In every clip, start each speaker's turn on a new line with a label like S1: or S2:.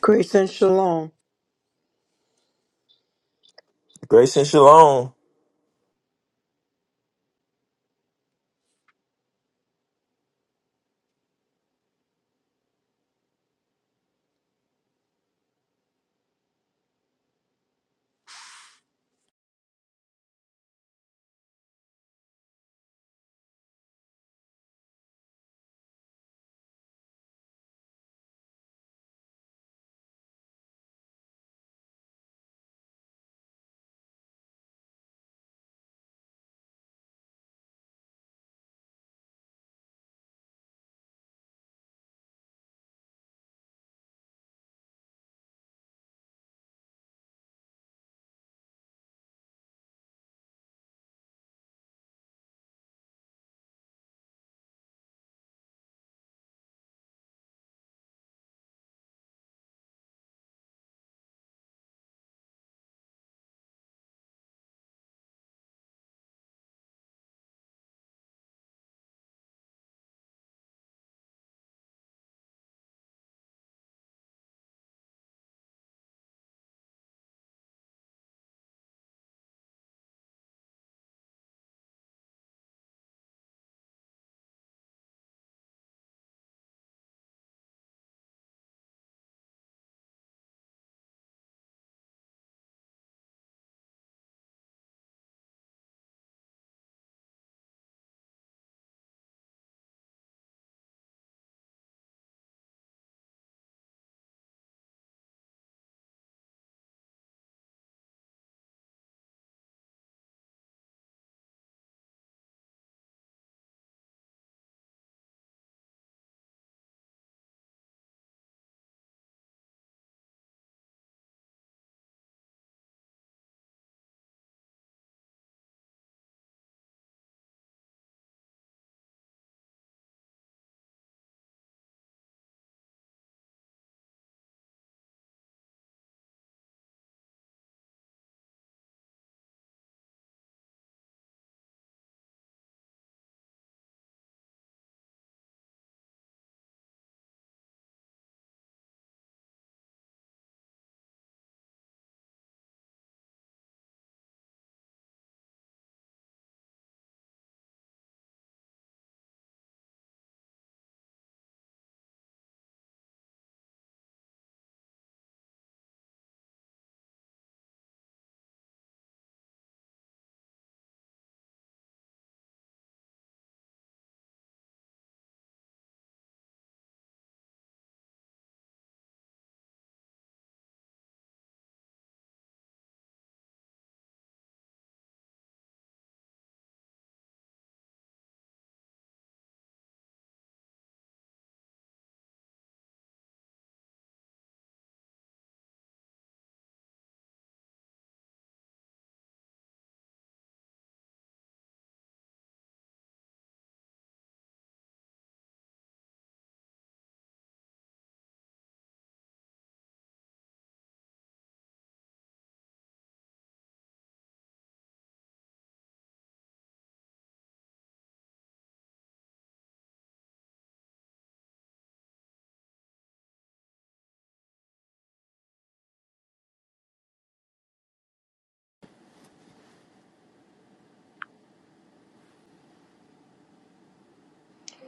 S1: Grace and shalom.
S2: Grace and shalom.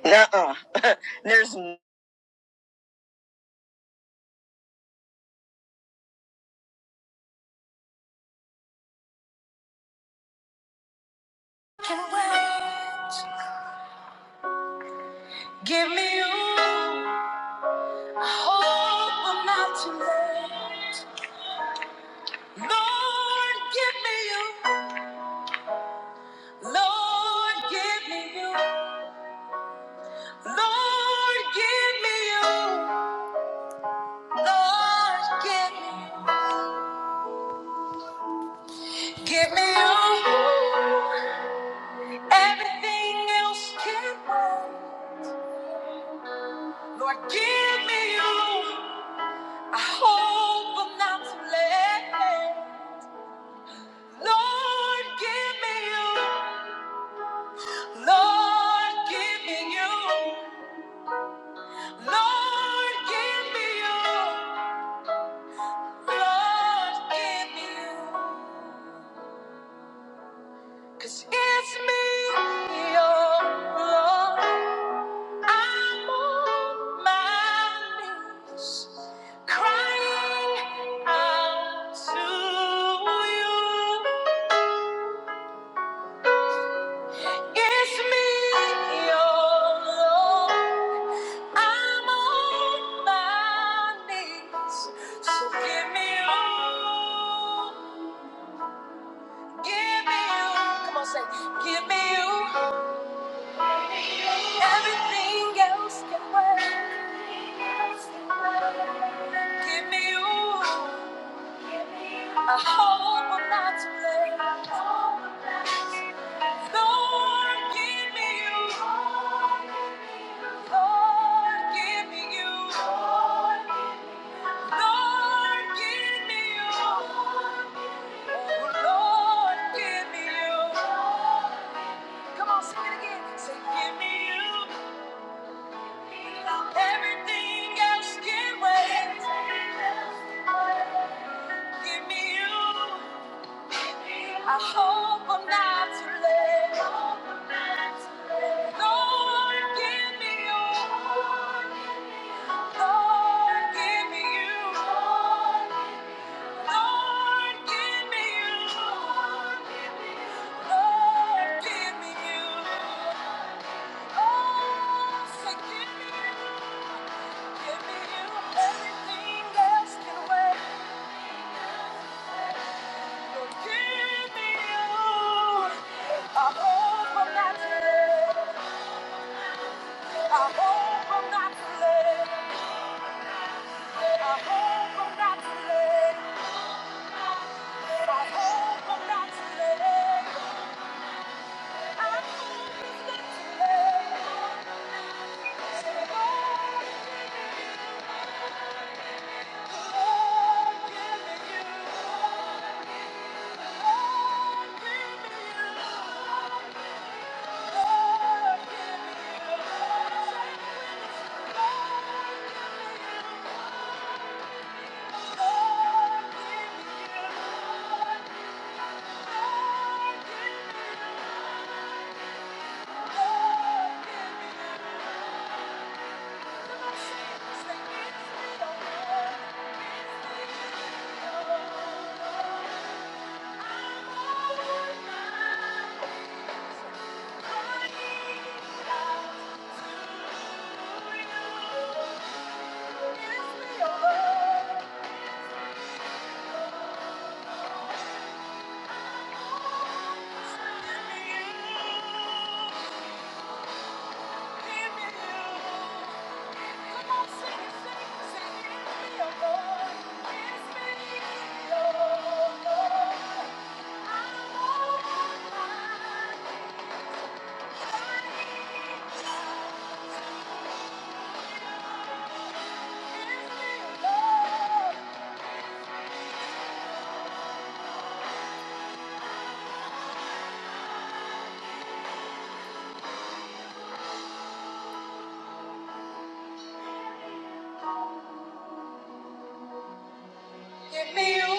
S3: Nuh-uh. There's no. Can wait. Give me you. I hope I'm not too late. Lord, give me you. Lord, give me you. Lord, give me you. Lord, give me. you. Give me you. Everything else can wait. Lord, give me you. I hope I'm not too late. Lord, give me you. Lord, give me you. Lord, give me you. Lord, give me you. 'Cause it's me, your Lord. I'm on my knees, crying out to you. It's me, your Lord. I'm on my knees. So give me you. Give me you. Come on, say, give me you. Everything else can wait. Give me you. I hope I'm not to blame. Lord, give me you. Lord, give me you. Lord, give me you. Oh, Lord, give me you. Come on, sing it again. Say, give me you. Everything else can wait. Give me you. I hope I'm not too late. Lord, give me you. Lord, give me you. Lord, give me you. Lord, give me you. Oh, say, give me you. Give me you. Everything else can wait. Lord, give me you. I hope I'm not too late. I hope I'm not too late. I hope I'm not too late. I hope I'm not too late. give me you. Thank you. Give me you.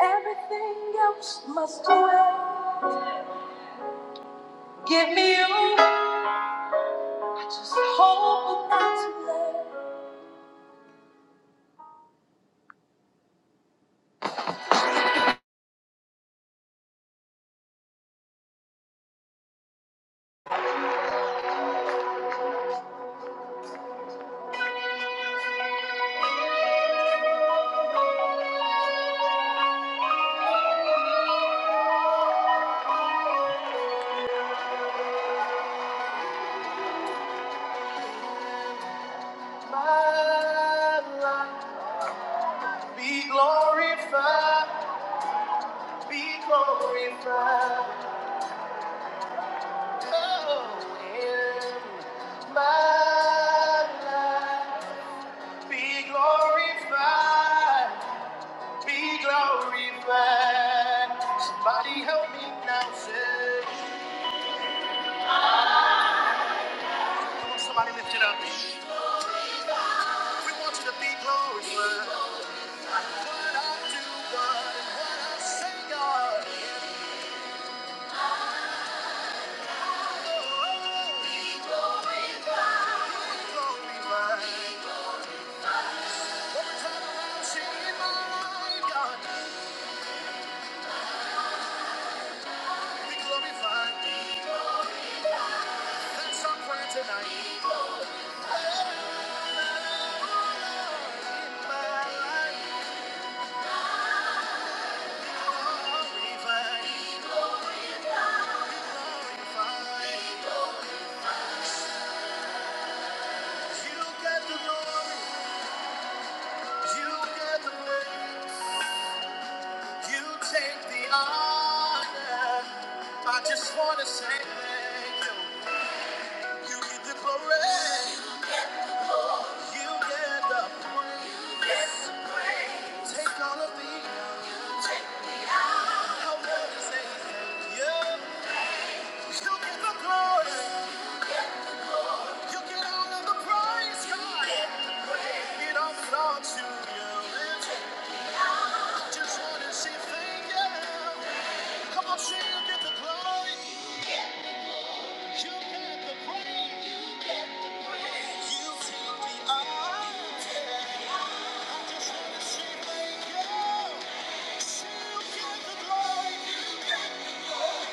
S3: Everything else must wait. Give me you. I just hope I'm not too late. My life. Be glorified, be glorified, oh, in my life. Be glorified, be glorified. Somebody help me now, say. Come on, somebody lift it up. We want you to be glorified. What I do, God, and what I say, God. Oh, oh, oh, be glorified. I just wanna say thank you. You get the glory, you get the praise. Take all of me, I wanna say thank you. You get the glory. You can honor the price, God. It all belongs to you. I just want to say thank you. Come on, sing, you get the glory. You get the praise. You take the honor. I just want to say thank you. See, you get the glory.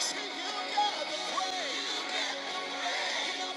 S3: See, you get the praise. God.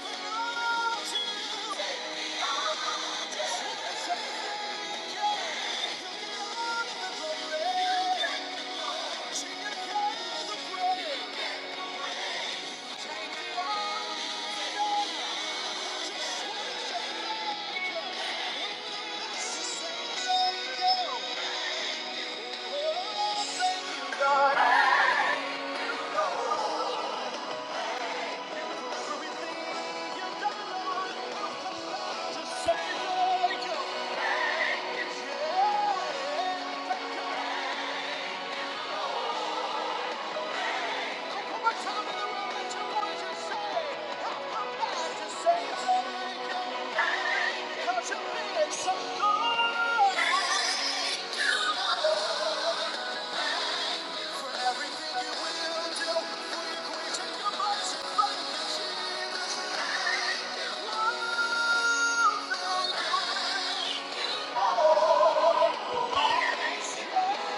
S3: Thank you.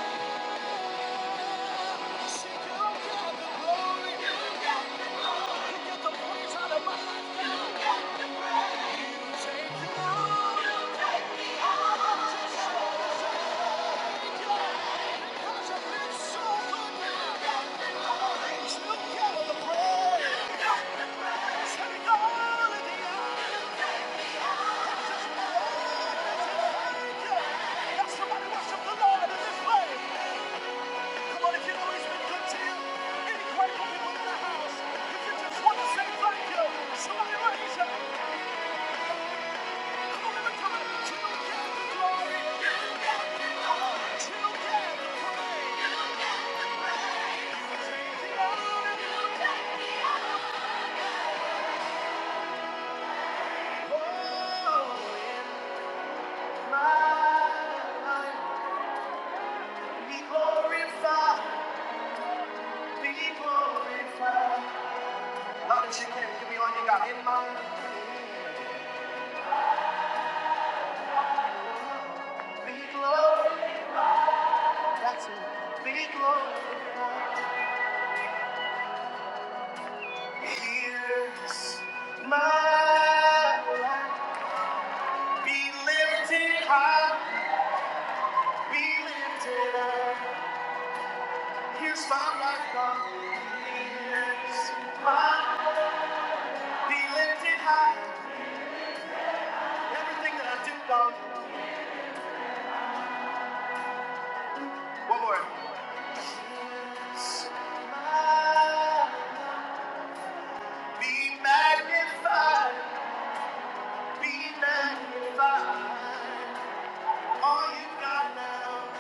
S3: Somebody worship the Lord in this place. Come on, if you know he's been to you, any grateful people in the house, if just want to say thank you, somebody raise your time. Till you get the glory, till Oh, in my life, be glorified, be glorified. Loud as you can, give me all you got in mind. Be glory, be glory. Here's my Be lifted high, be lifted up. Here's my life, God. Here's my- Be lifted high. Everything that I do, God. One more. My- Be magnified, be magnified. All you got now,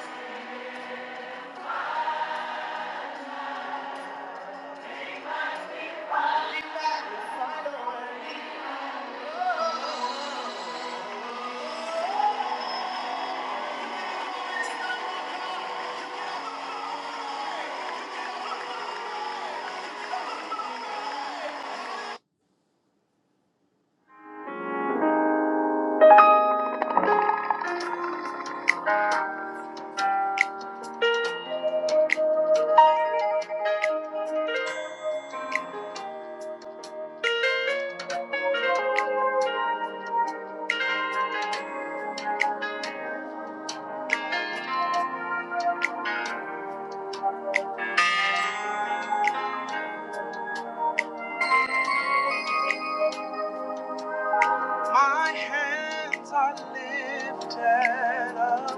S3: be magnified away. My hands are lifted up.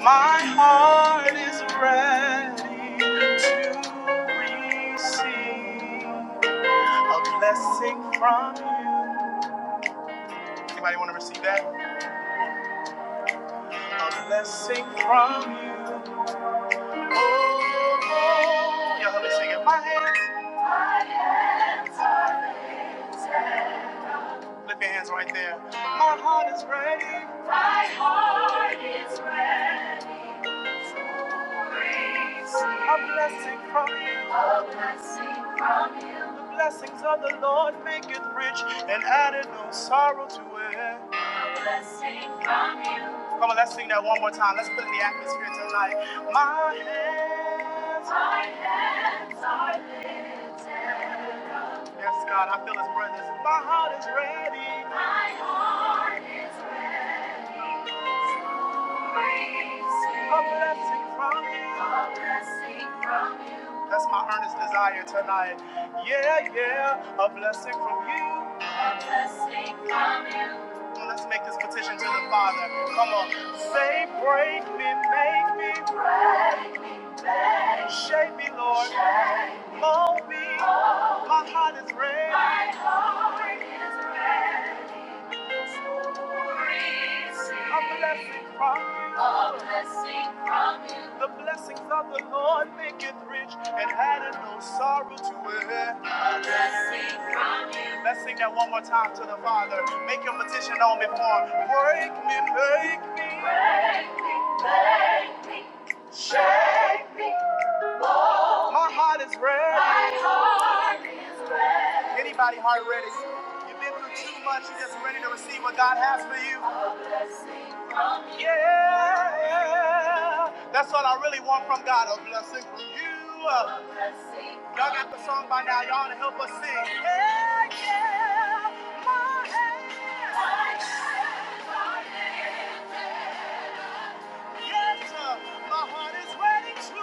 S3: My heart is ready to receive a blessing from you. Anybody want to receive that? A blessing from you. Oh, oh. oh. y'all help me sing it. My hands, lift your hands right there. My heart is ready. A blessing from you. A blessing from you. The blessings of the Lord make it rich and added no sorrow to it. A blessing from you. Come on, let's sing that one more time. Let's put it in the atmosphere tonight. My hands. My hands are lifted up. Yes, God, I feel his presence. My heart is ready. My heart is ready. A blessing from you. A blessing from you. That's my earnest desire tonight. Yeah, yeah, a blessing from you. Let's make this petition to the Father. Come on. Say, break me, make me, shape me, Lord. Mold me. My heart is ready. A blessing from you. A blessing from you. The blessings of the Lord make it rich and added no sorrow to it. A blessing from you. Let's sing that one more time to the Father. Make your petition known before him. Break me, make me. Break me, break me. My heart is ready. Anybody heart ready? You've been through too much. You're just ready to receive what God has for you. Yeah, that's what I really want from God, a blessing from you. Uh, Y'all got the song by now, y'all to help us sing. Yeah, yes, uh, my heart is ready to.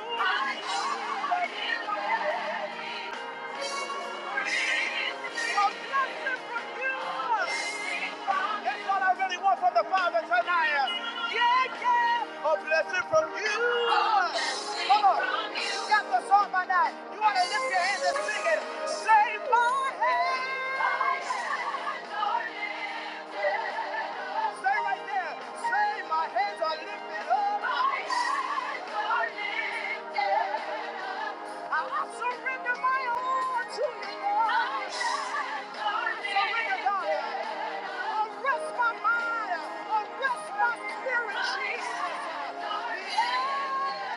S3: That's what I really want from the Father tonight. uh, A blessing from you. Uh, Come on, you got the song by now. You want to lift your hands and sing it. Say, say right there. Say, my hands are lifted up. Arrest my spirit, Jesus. Yeah.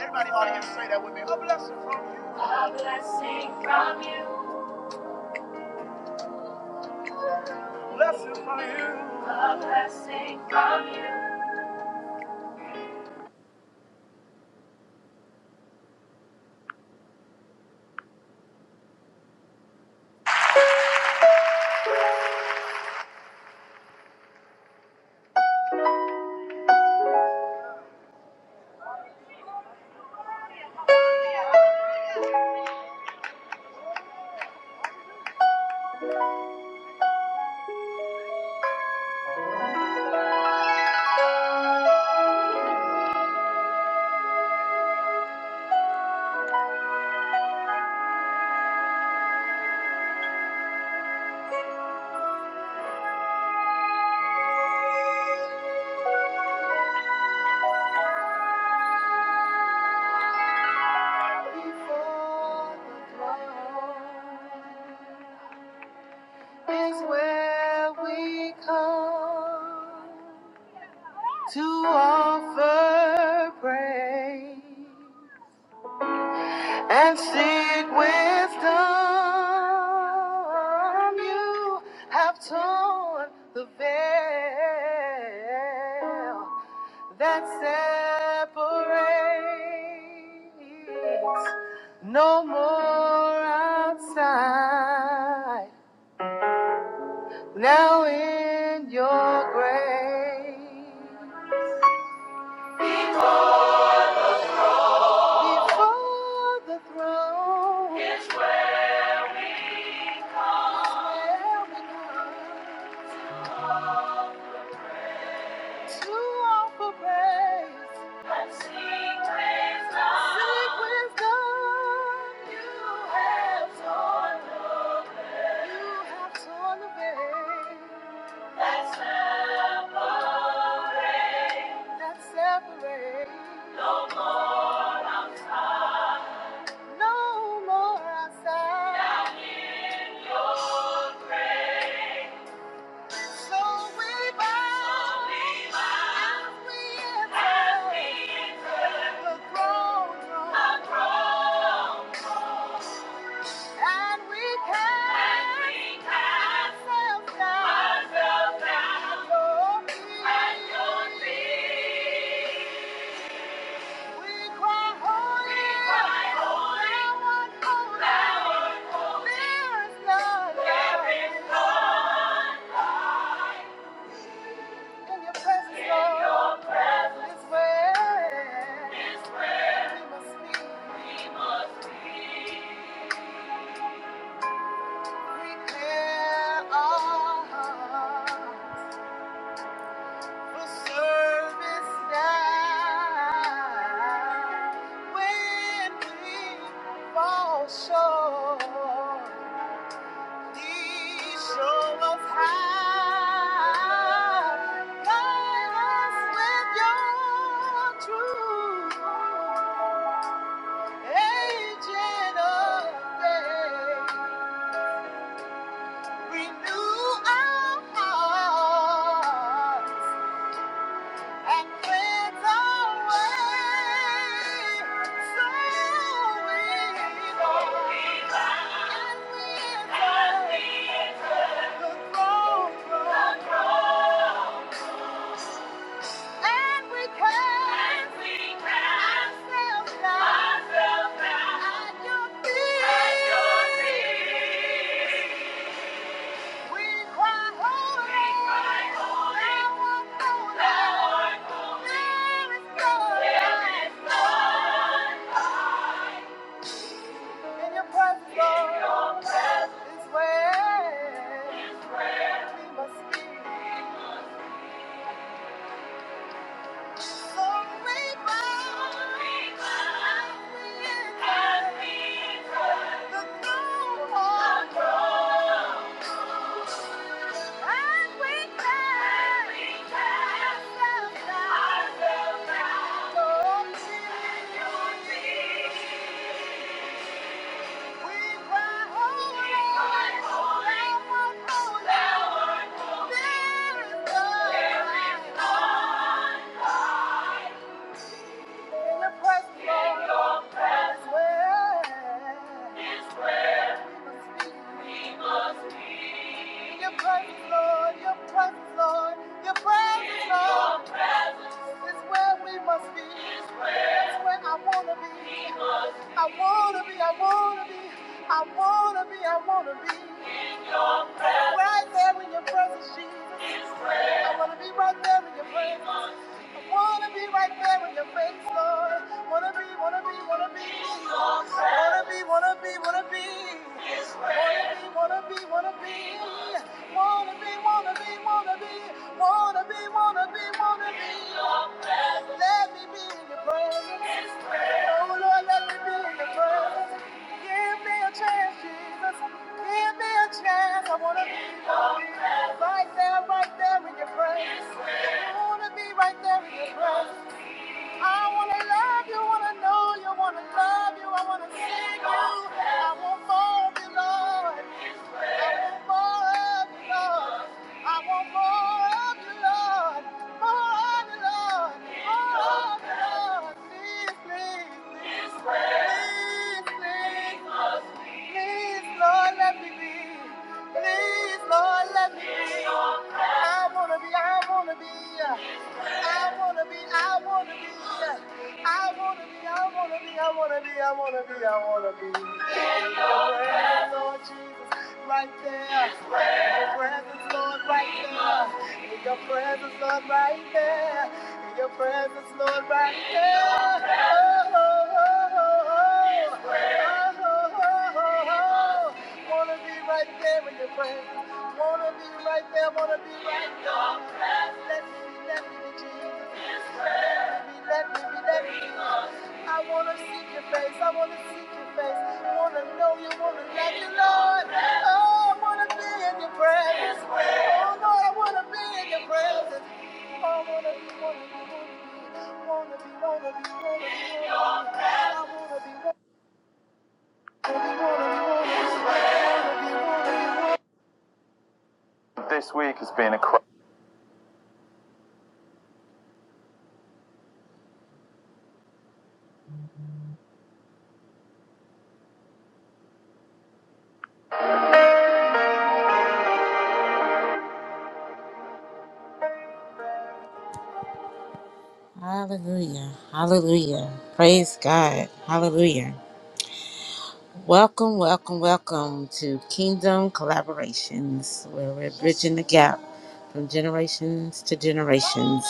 S3: Everybody ought to say that with me. A blessing from you. Blessings for you. Before the throne is where we come to offer praise. and seek wisdom. You have torn the veil that separates. No more outside. Now in your grace, before the throne, there we come. To offer praise. Seek wisdom. You have torn the You have torn the veil that separates. No more outside. So we bow as we enter the throne room. And we cast and we cast ourselves down ourselves down at your feet. We cry, holy, we cry, holy, thou art holy. thou art There is none there is none in your presence, in Lord, Your presence is where is where we must be. We clear our hearts. Service now. When we fall short, please show us how. Guide us with your truth. Agent of faith, renew our hearts. and cleanse away so evil. And we enter the throne room, and we cast ourselves down at your feet. We cry, holy, thou art holy, there is no In your presence, Lord, in your presence is where we must be. So we bow so we bow as we enter as we the throne, the throne, and we cast and we cast ourselves down ourselves down at your feet. We cry, "Holy, we cry, holy, Thou art holy, thou art holy, there is none there is like none Thee." In your Lord. In your Lord. Your presence, Lord. Your presence, Lord. Is where we must be. Is where. I wanna be. I wanna be. I wanna be. I wanna be. I'm right there in your presence, Jesus. I want to be right there in your presence. I want to be right there in your face, Lord. Want to be, want to be, want to be. Want to be, want to be, want to be. Want to be, want to be, want to be. Want to be, want to be, want to be. Want to be, want to be, want to be. Let me be in your presence. Oh Lord, let me be in your presence. Give me a chance, Jesus. Give me a chance. I wanna be with you. right there, right there in your presence. I wanna be right there in your presence. I wanna love you, wanna know you, wanna love you. I wanna sing you. I won't fall Lord. I want more of Your love. I want more of Your love. More of Your love. More of Your love. Please, please, please, please. Please, Lord, let me be. Please, Lord, let me be. I wanna be, I wanna be. I wanna be, I wanna be. I wanna be, I wanna be, I wanna be, I wanna be, I wanna be. In your presence, Lord Jesus, right there your presence, Lord, right there. In your presence, Lord, right there. In your presence, Lord, right there. Oh, oh, oh, oh, oh, oh, oh, oh. oh oh Wanna be right there in your presence. Wanna be right there. Wanna be right there. Bless me, bless me, Jesus. Let me be, let me be. I wanna seek your face, I wanna seek your face. I Wanna know you, wanna love you, Lord. Oh, I wanna be in your presence. Oh, Lord, I wanna be in your presence. Oh, I wanna be, wanna be, wanna be, wanna be, wanna be, wanna be, wanna be. I wanna be, wanna be, wanna be. This week has been a cr- Hallelujah. Welcome, welcome, welcome to Kingdom Collaborations, where we're bridging the gap from generations to generations.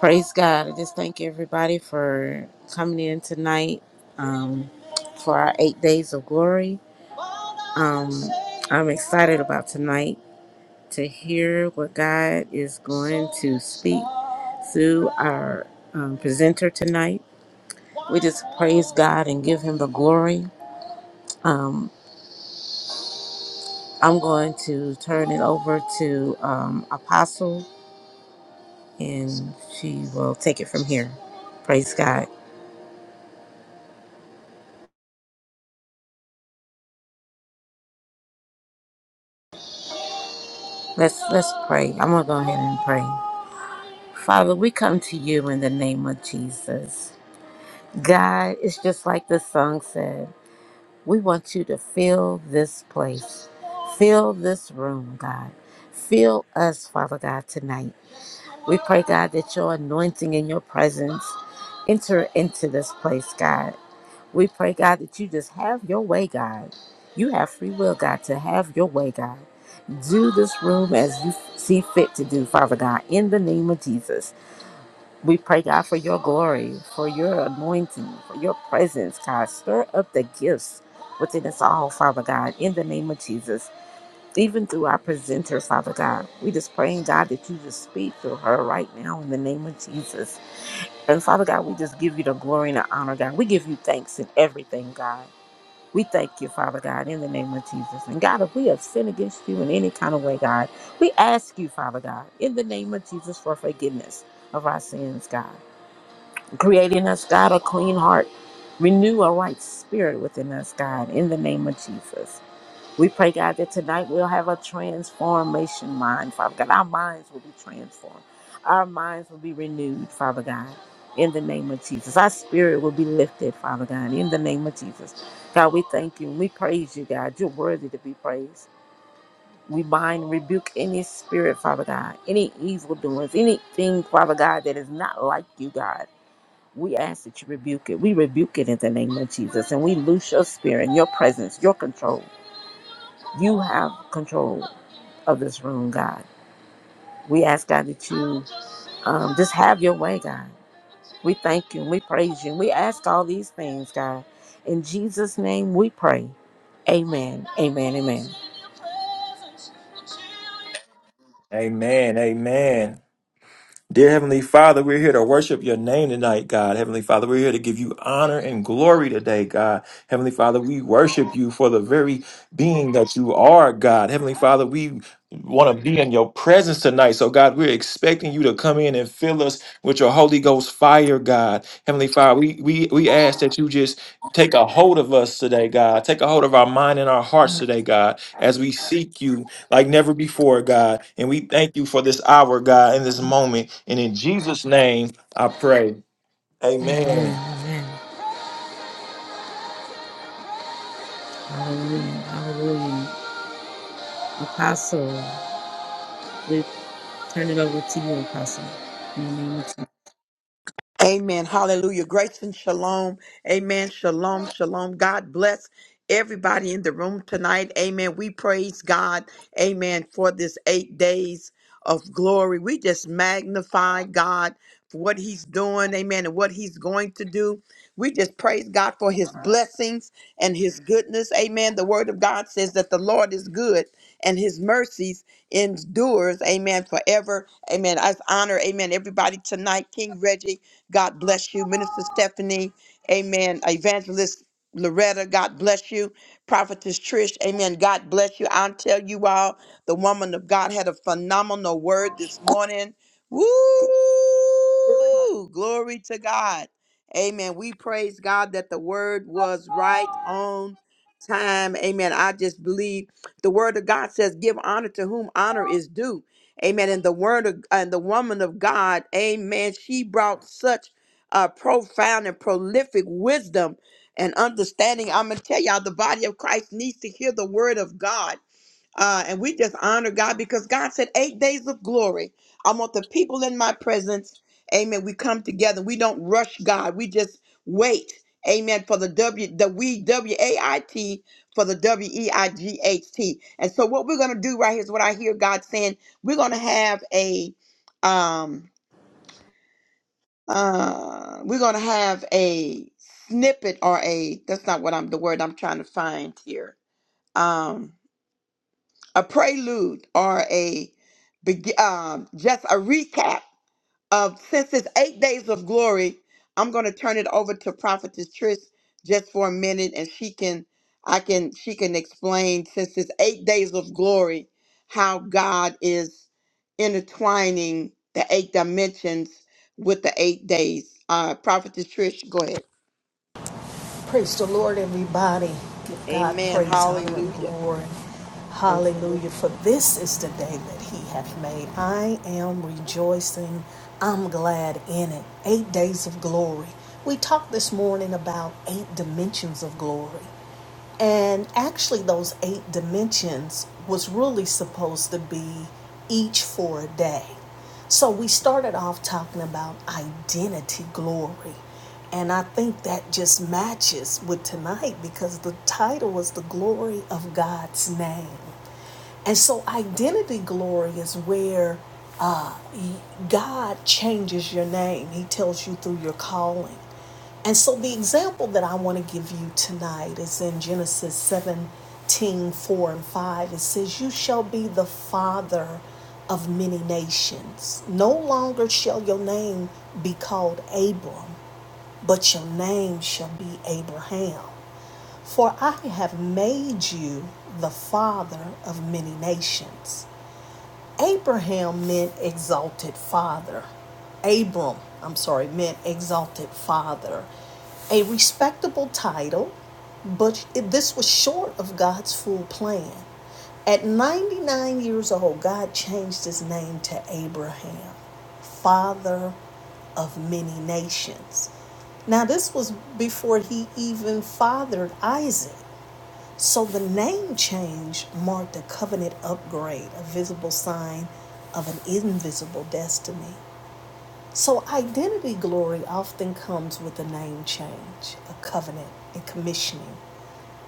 S3: Praise God. I just thank everybody for coming in tonight um, for our eight days of glory. Um, I'm excited about tonight to hear what God is going to speak through our um, presenter tonight. We just praise God and give Him the glory. Um, I'm going to turn it over to um, Apostle, and she will take it from here. Praise God. Let's let's pray. I'm gonna go ahead and pray. Father, we come to you in the name of Jesus. God, it's just like the song said. We want you to fill this place, fill this room, God. Fill us, Father God, tonight. We pray, God, that your anointing and your presence enter into this place, God. We pray, God, that you just have your way, God. You have free will, God, to have your way, God. Do this room as you see fit to do, Father God, in the name of Jesus. We pray, God, for your glory, for your anointing, for your presence, God. Stir up the gifts within us all, Father God, in the name of Jesus even through our presenter, Father God. We just praying, God, that you just speak through her right now in the name of Jesus. And Father God, we just give you the glory and the honor, God. We give you thanks in everything, God. We thank you, Father God, in the name of Jesus. And God, if we have sinned against you in any kind of way, God, we ask you, Father God, in the name of Jesus, for forgiveness of our sins, God. Creating us, God, a clean heart. Renew a right spirit within us, God, in the name of Jesus. We pray, God, that tonight we'll have a transformation mind, Father God. Our minds will be transformed. Our minds will be renewed, Father God, in the name of Jesus. Our spirit will be lifted, Father God, in the name of Jesus. God, we thank you and we praise you, God. You're worthy to be praised. We bind and rebuke any spirit, Father God, any evil doings, anything, Father God, that is not like you, God. We ask that you rebuke it. We rebuke it in the name of Jesus. And we loose your spirit and your presence, your control. You have control of this room, God. We ask, God, that you um, just have your way, God. We thank you and we praise you. And we ask all these things, God. In Jesus' name we pray. Amen. Amen. Amen.
S2: Amen. Amen. Dear Heavenly Father, we're here to worship your name tonight, God. Heavenly Father, we're here to give you honor and glory today, God. Heavenly Father, we worship you for the very being that you are, God. Heavenly Father, we want to be in your presence tonight. So, God, we're expecting you to come in and fill us with your Holy Ghost fire, God. Heavenly Father, we, we, we ask that you just Take a hold of us today, God. Take a hold of our mind and our hearts today, God, as we seek you like never before, God. And we thank you for this hour, God, in this moment. And in Jesus' name, I pray.
S3: Amen.
S2: Amen.
S3: Amen. Hallelujah. Hallelujah. Apostle, we turn it over to you, Apostle. In the name of Jesus.
S1: Amen. Hallelujah. Grace and shalom. Amen. Shalom. Shalom. God bless everybody in the room tonight. Amen. We praise God. Amen. For this eight days of glory. We just magnify God for what he's doing. Amen. And what he's going to do. We just praise God for his blessings and his goodness. Amen. The word of God says that the Lord is good and his mercies endures. Amen. Forever. Amen. I honor. Amen. Everybody tonight. King Reggie. God bless you. Minister Stephanie, amen. Evangelist Loretta, God bless you. Prophetess Trish, amen. God bless you. I'll tell you all, the woman of God had a phenomenal word this morning. Woo! Glory to God. Amen. We praise God that the word was right on time. Amen. I just believe the word of God says, give honor to whom honor is due. Amen. And the word of, and the woman of God, amen, she brought such uh, profound and prolific wisdom and understanding. I'm going to tell y'all, the body of Christ needs to hear the word of God. Uh, and we just honor God because God said, Eight days of glory. I want the people in my presence. Amen. We come together. We don't rush God. We just wait. Amen. For the W, the we, W A I T, for the W E I G H T. And so, what we're going to do right here is what I hear God saying. We're going to have a, um, uh, we're going to have a snippet or a, that's not what I'm, the word I'm trying to find here. Um, a prelude or a beg- um, just a recap of since it's eight days of glory. I'm going to turn it over to Prophetess Trish just for a minute, and she can I can she can explain since it's eight days of glory how God is intertwining the eight dimensions with the eight days. Uh, Prophetess Trish, go ahead.
S4: Praise the Lord, everybody. Give God
S1: Amen.
S4: praise, honor, and
S1: Hallelujah.
S4: glory.
S3: Praise the
S4: Hallelujah. For this is the day that He hath made. I am rejoicing. I'm glad in it. Eight days of glory. We talked this morning about eight dimensions of glory. And actually, those eight dimensions was really supposed to be each for a day. So we started off talking about identity glory. And I think that just matches with tonight because the title was The Glory of God's Name. And so, identity glory is where uh, God changes your name. He tells you through your calling. And so, the example that I want to give you tonight is in Genesis 17 4 and 5. It says, You shall be the father of many nations. No longer shall your name be called Abram, but your name shall be Abraham. For I have made you the father of many nations. Abraham meant exalted father. Abram, I'm sorry, meant exalted father. A respectable title, but this was short of God's full plan. At 99 years old, God changed his name to Abraham, father of many nations. Now, this was before he even fathered Isaac. So the name change marked a covenant upgrade, a visible sign of an invisible destiny. So identity glory often comes with a name change, a covenant, and commissioning.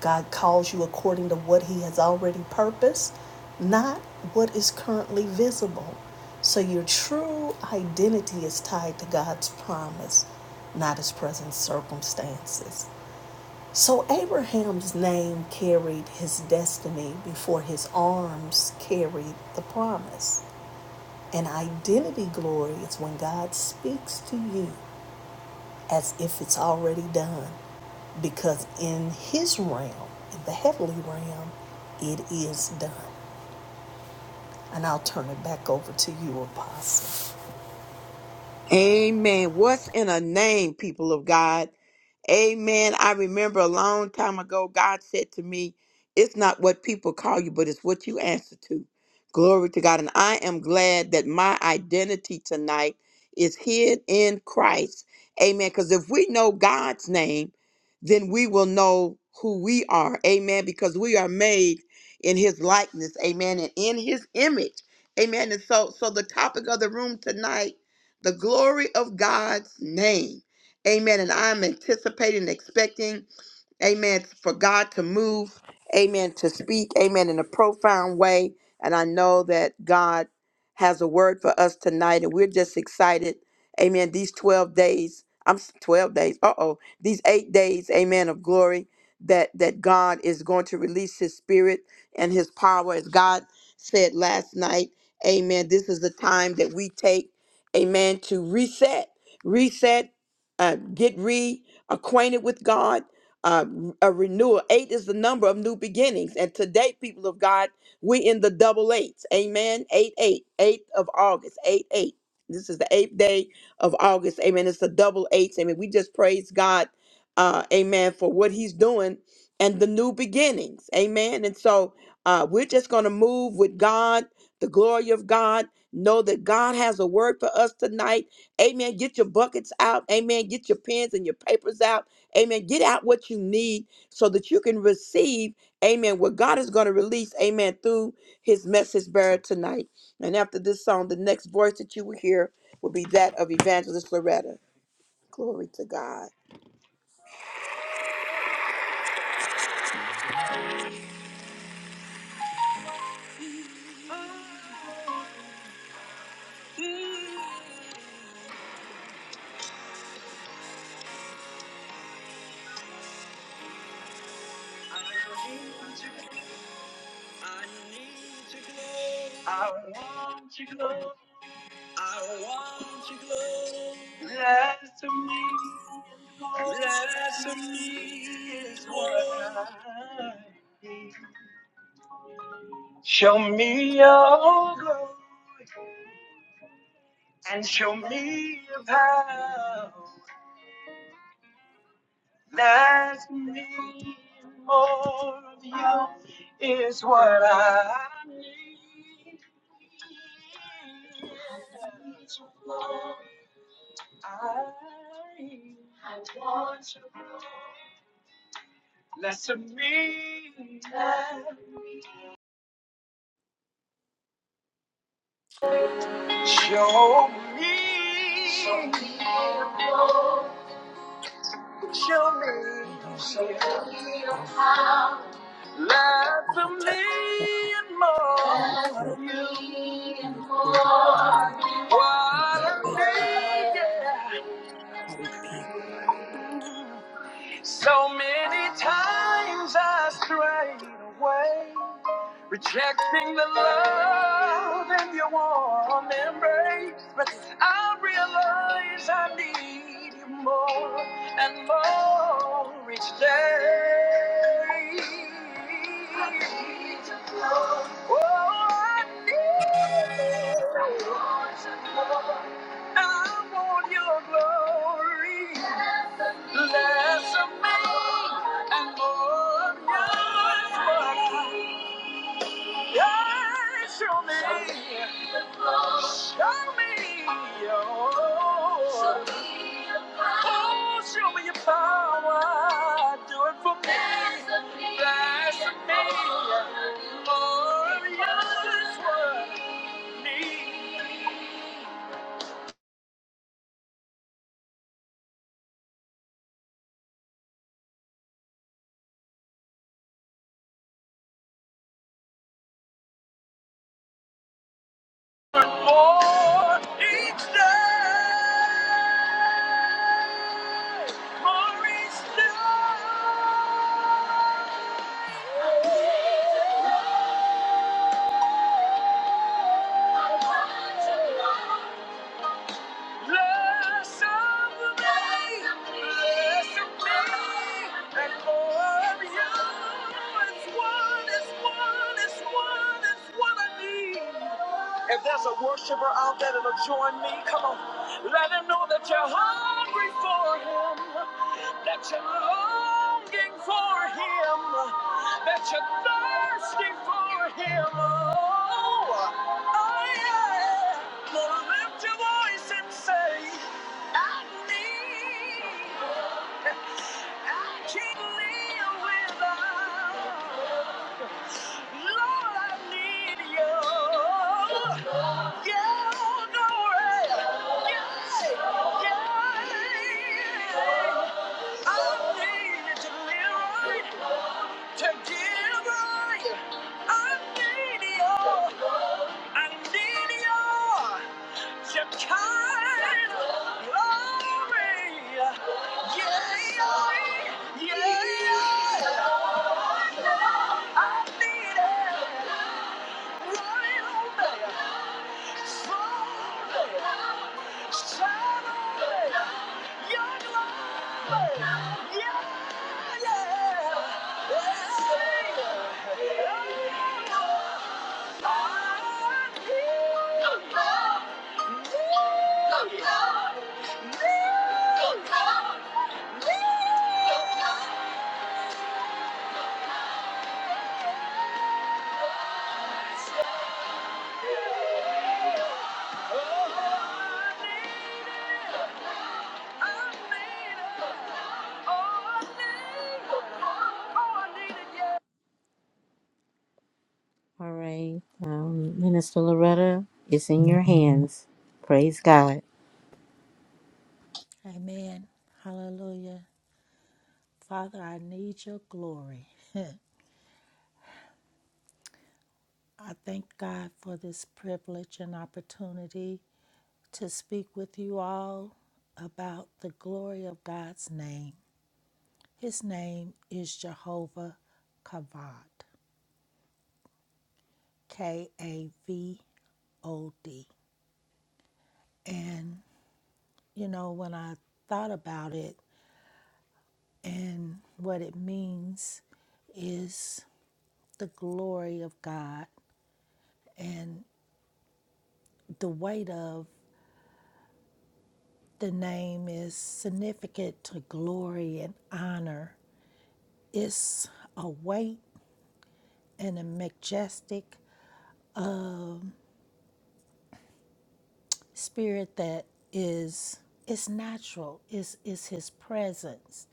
S4: God calls you according to what He has already purposed, not what is currently visible. So your true identity is tied to God's promise, not His present circumstances. So Abraham's name carried his destiny before his arms carried the promise. And identity glory is when God speaks to you as if it's already done. Because in his realm, in the heavenly realm, it is done. And I'll turn it back over to you, Apostle.
S1: Amen. What's in a name, people of God? Amen. I remember a long time ago, God said to me, It's not what people call you, but it's what you answer to. Glory to God. And I am glad that my identity tonight is hid in Christ. Amen. Because if we know God's name, then we will know who we are. Amen. Because we are made in his likeness. Amen. And in his image. Amen. And so so the topic of the room tonight the glory of God's name. Amen. And I'm anticipating, expecting Amen. For God to move. Amen. To speak. Amen. In a profound way. And I know that God has a word for us tonight. And we're just excited. Amen. These 12 days. I'm s- 12 days. Uh-oh. These eight days, amen, of glory that that God is going to release his spirit and his power. As God said last night, amen. This is the time that we take, amen, to reset, reset, uh, get reacquainted with God uh, a renewal. Eight is the number of new beginnings. And today, people of God, we in the double eights. Amen. Eight, eight, eighth of August, eight, eight. This is the eighth day of August. Amen. It's the double eights. Amen. We just praise God. Uh, amen. For what he's doing and the new beginnings. Amen. And so uh, we're just going to move with God, the glory of God. Know that God has a word for us tonight. Amen. Get your buckets out. Amen. Get your pens and your papers out. Amen. Get out what you need so that you can receive, amen, what God is going to release, amen, through his message bearer tonight. And after this song, the next voice that you will hear will be that of Evangelist Loretta. Glory to God. Relax, Heather. Relax. Stop. Lord, take. it. Thank you.
S3: Lord. Show me your power. If there's a worshiper out there that'll join me, come on. Let him know that you're hungry for him, that you're longing for him, that you're thirsty for him. Oh, oh yeah. Well, lift your voice and say, I need, I can't live without. Lord, I need you. To get right, I need your, I need your. Shekinah glory. Yeah, yeah, yeah. I need it right on the throne. All right, um, Minister Loretta, it's in your hands. Praise God.
S5: Amen. Hallelujah. Father, I need your glory. I thank God for this privilege and opportunity to speak with you all about the glory of God's name. His name is Jehovah Kavod, K A V O D. And, you know, when I thought about it and what it means, is the glory of God and the weight of The name is significant to glory and honor. It's a weight and a majestic spirit that is it's natural. It's, it's his presence.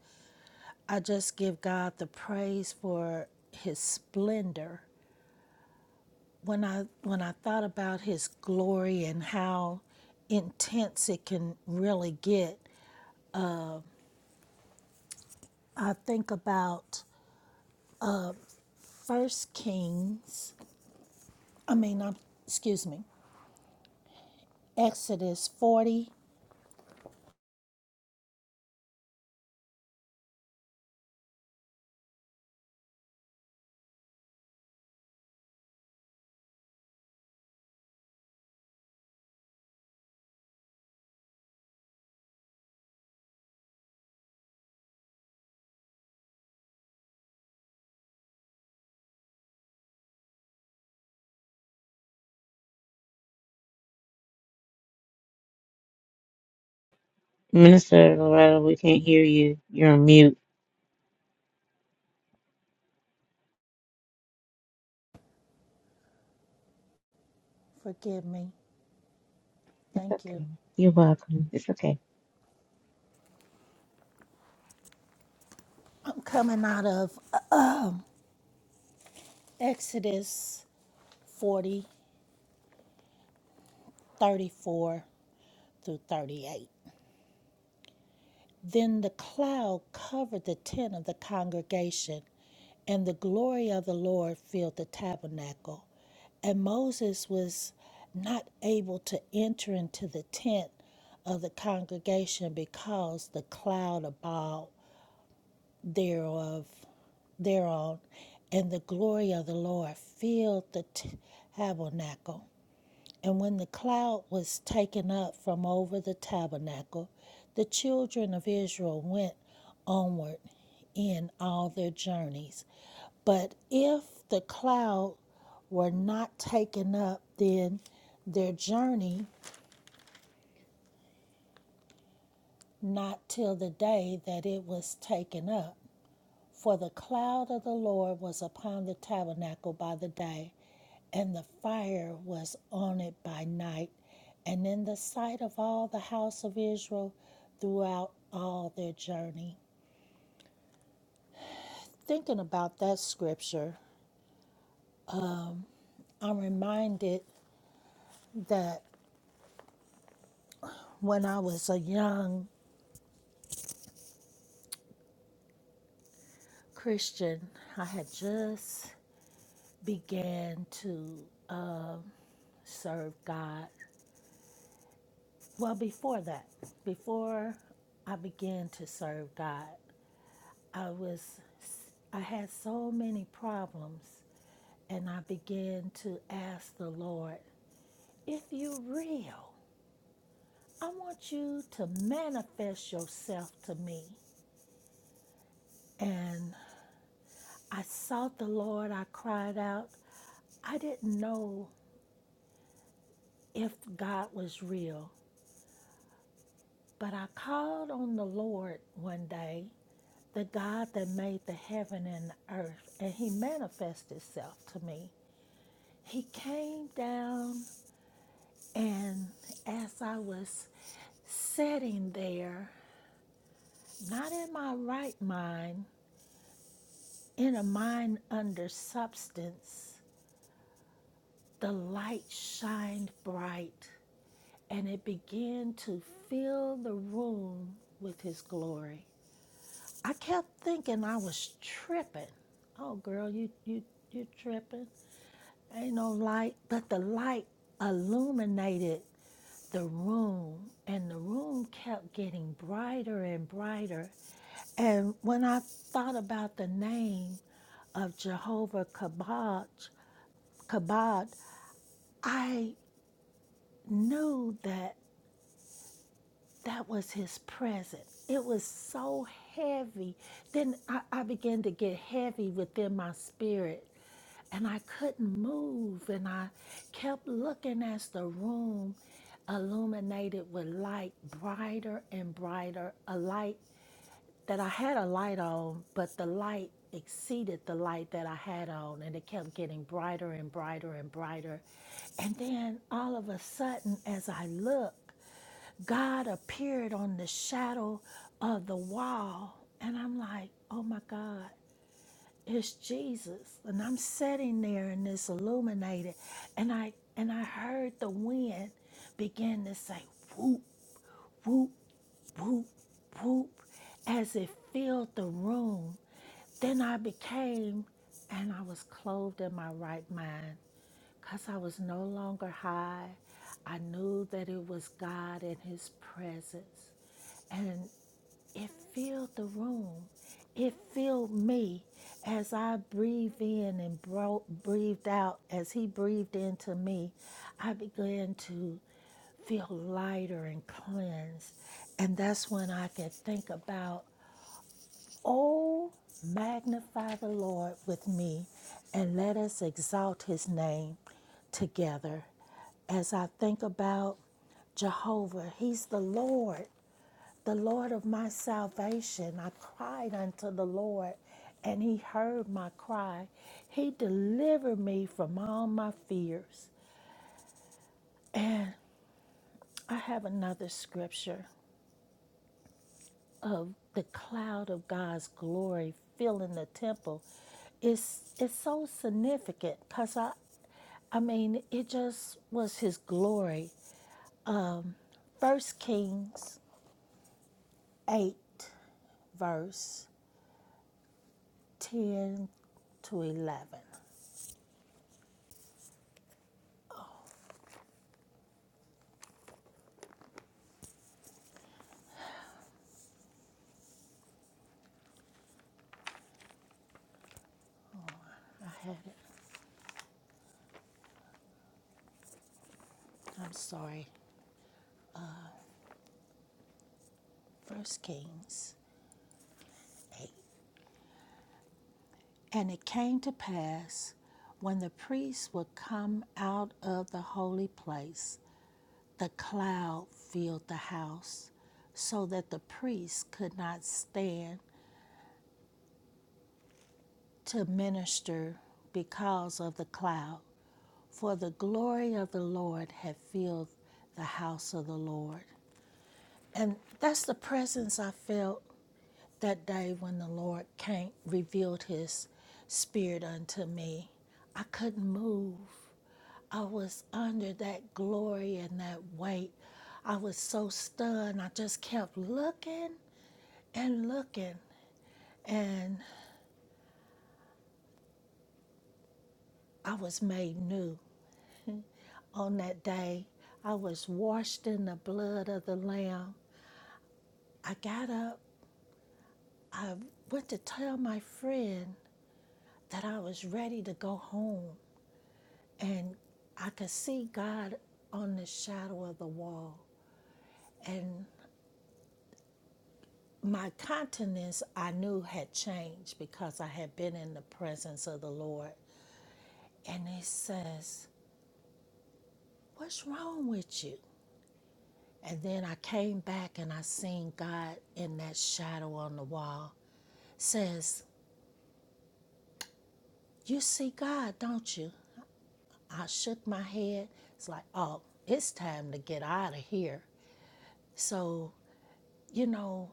S5: I just give God the praise for his splendor. When I when I thought about his glory and how intense it can really get, I think about First Kings. I mean, I'm, excuse me, Exodus 40.
S3: Minister Loretta, we can't hear you. You're on mute.
S5: Forgive me.
S3: It's
S5: Thank you.
S3: okay. You're welcome. It's okay.
S5: I'm coming out of Exodus 40, 34 through 38. Then the cloud covered the tent of the congregation, and the glory of the Lord filled the tabernacle. And Moses was not able to enter into the tent of the congregation because the cloud abode thereof thereon, and the glory of the Lord filled the tabernacle. And when the cloud was taken up from over the tabernacle, the children of Israel went onward in all their journeys. But if the cloud were not taken up, then their journey not till the day that it was taken up. For the cloud of the Lord was upon the tabernacle by the day, and the fire was on it by night, and in the sight of all the house of Israel throughout all their journey. Thinking about that scripture, I'm reminded that when I was a young Christian, I had just began to serve God. Well, before that, before I began to serve God, I was, I had so many problems, and I began to ask the Lord, if you are real, I want you to manifest yourself to me. And I sought the Lord, I cried out. I didn't know if God was real, but I called on the Lord one day, the God that made the heaven and the earth, and he manifested himself to me. He came down And as I was sitting there, not in my right mind, in a mind under substance, the light shined bright and it began to fill the room with his glory. I kept thinking I was tripping. Oh girl, you you you tripping. Ain't no light, but the light illuminated the room, and the room kept getting brighter and brighter. And when I thought about the name of Jehovah Kabod, Kabod, I knew that that was his presence. It was so heavy. Then I, I began to get heavy within my spirit and I couldn't move. And I kept looking as the room illuminated with light, brighter and brighter. A light that I had a light on, but the light exceeded the light that I had on, and it kept getting brighter and brighter and brighter. And then all of a sudden, as I looked, God appeared on the shadow of the wall. And I'm like, oh my God it's Jesus. And I'm sitting there and it's illuminated. And I and I heard the wind begin to say whoop, whoop, whoop, whoop, as it filled the room. Then I became and I was clothed in my right mind. Cause I was no longer high. I knew that it was God in his presence. and. It filled the room. It filled me as I breathed in and bro- breathed out. As he breathed into me, I began to feel lighter and cleansed. And that's when I could think about, oh, magnify the Lord with me and let us exalt his name together. As I think about Jehovah, he's the Lord the Lord of my salvation. I cried unto the Lord, and he heard my cry. He delivered me from all my fears. And I have another scripture of the cloud of God's glory filling the temple. It's it's so significant because I I mean it just was his glory. First Kings eight verse ten to eleven. I had I'm sorry, First Kings 8. And it came to pass when the priests would come out of the holy place, the cloud filled the house, so that the priests could not stand to minister because of the cloud. For the glory of the Lord had filled the house of the Lord. And that's the presence I felt that day when the Lord came, revealed his spirit unto me, I couldn't move. I was under that glory and that weight. I was so stunned. I just kept looking and looking. And I was made new on that day. I was washed in the blood of the Lamb. I got up, went to tell my friend that I was ready to go home. and I could see God on the shadow of the wall. And my countenance I knew had changed because I had been in the presence of the Lord. And it says, What's wrong with you? And then I came back and I seen God in that shadow on the wall. Says, You see God, don't you? I shook my head. It's like, Oh, it's time to get out of here. So, you know,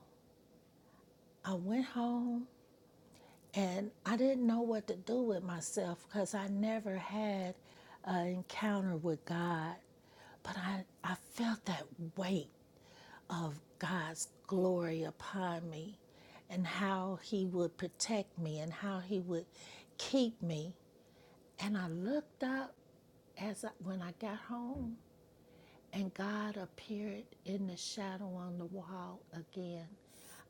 S5: I went home and I didn't know what to do with myself because I never had an encounter with God. But I, I felt that weight of God's glory upon me and how He would protect me and how He would keep me. And I looked up as I, when I got home and God appeared in the shadow on the wall again.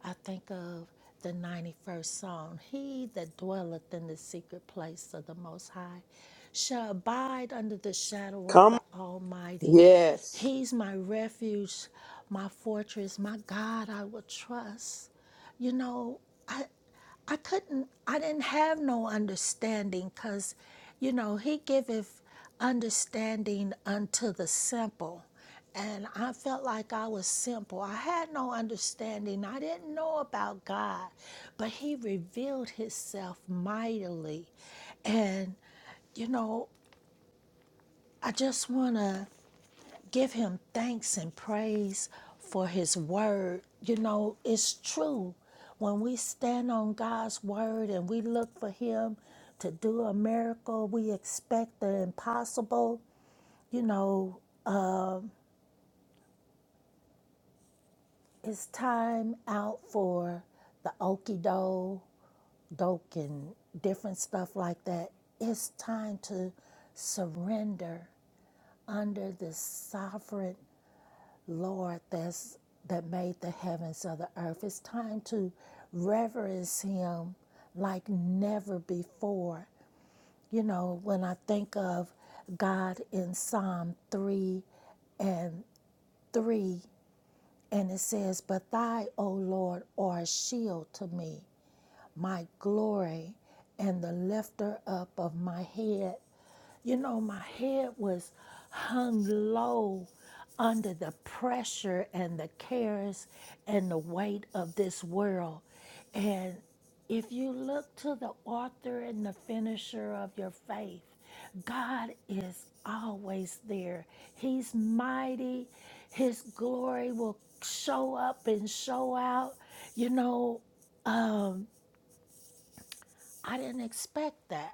S5: I think of the 91st Psalm He that dwelleth in the secret place of the Most High shall abide under the shadow of
S1: Come.
S5: the Almighty.
S1: Yes.
S5: He's my refuge, my fortress, my God I will trust. You know, I. I couldn't, I didn't have no understanding because, you know, he giveth understanding unto the simple. And I felt like I was simple. I had no understanding. I didn't know about God, but he revealed himself mightily. And, you know, I just want to Give him thanks and praise for his word. You know, it's true. When we stand on God's word and we look for him to do a miracle, we expect the impossible. You know, it's time out for the okie do doke and different stuff like that. It's time to surrender under the sovereign Lord that's that made the heavens of the earth. It's time to reverence him like never before. You know, when I think of God in Psalm 3 and 3, and it says, But Thou, O Lord, art a shield to me, my glory, and the lifter up of my head. You know, my head was hung low under the pressure and the cares and the weight of this world. And if you look to the author and the finisher of your faith, God is always there. He's mighty. His glory will show up and show out. You know, I didn't expect that.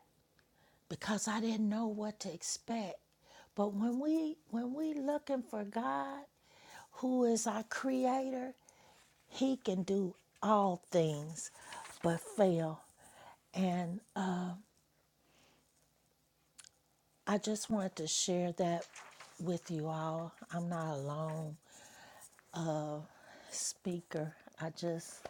S5: because I didn't know what to expect. But when we when we looking for God, who is our creator, he can do all things but fail. And uh, I just wanted to share that with you all. I'm not alone uh, speaker. I just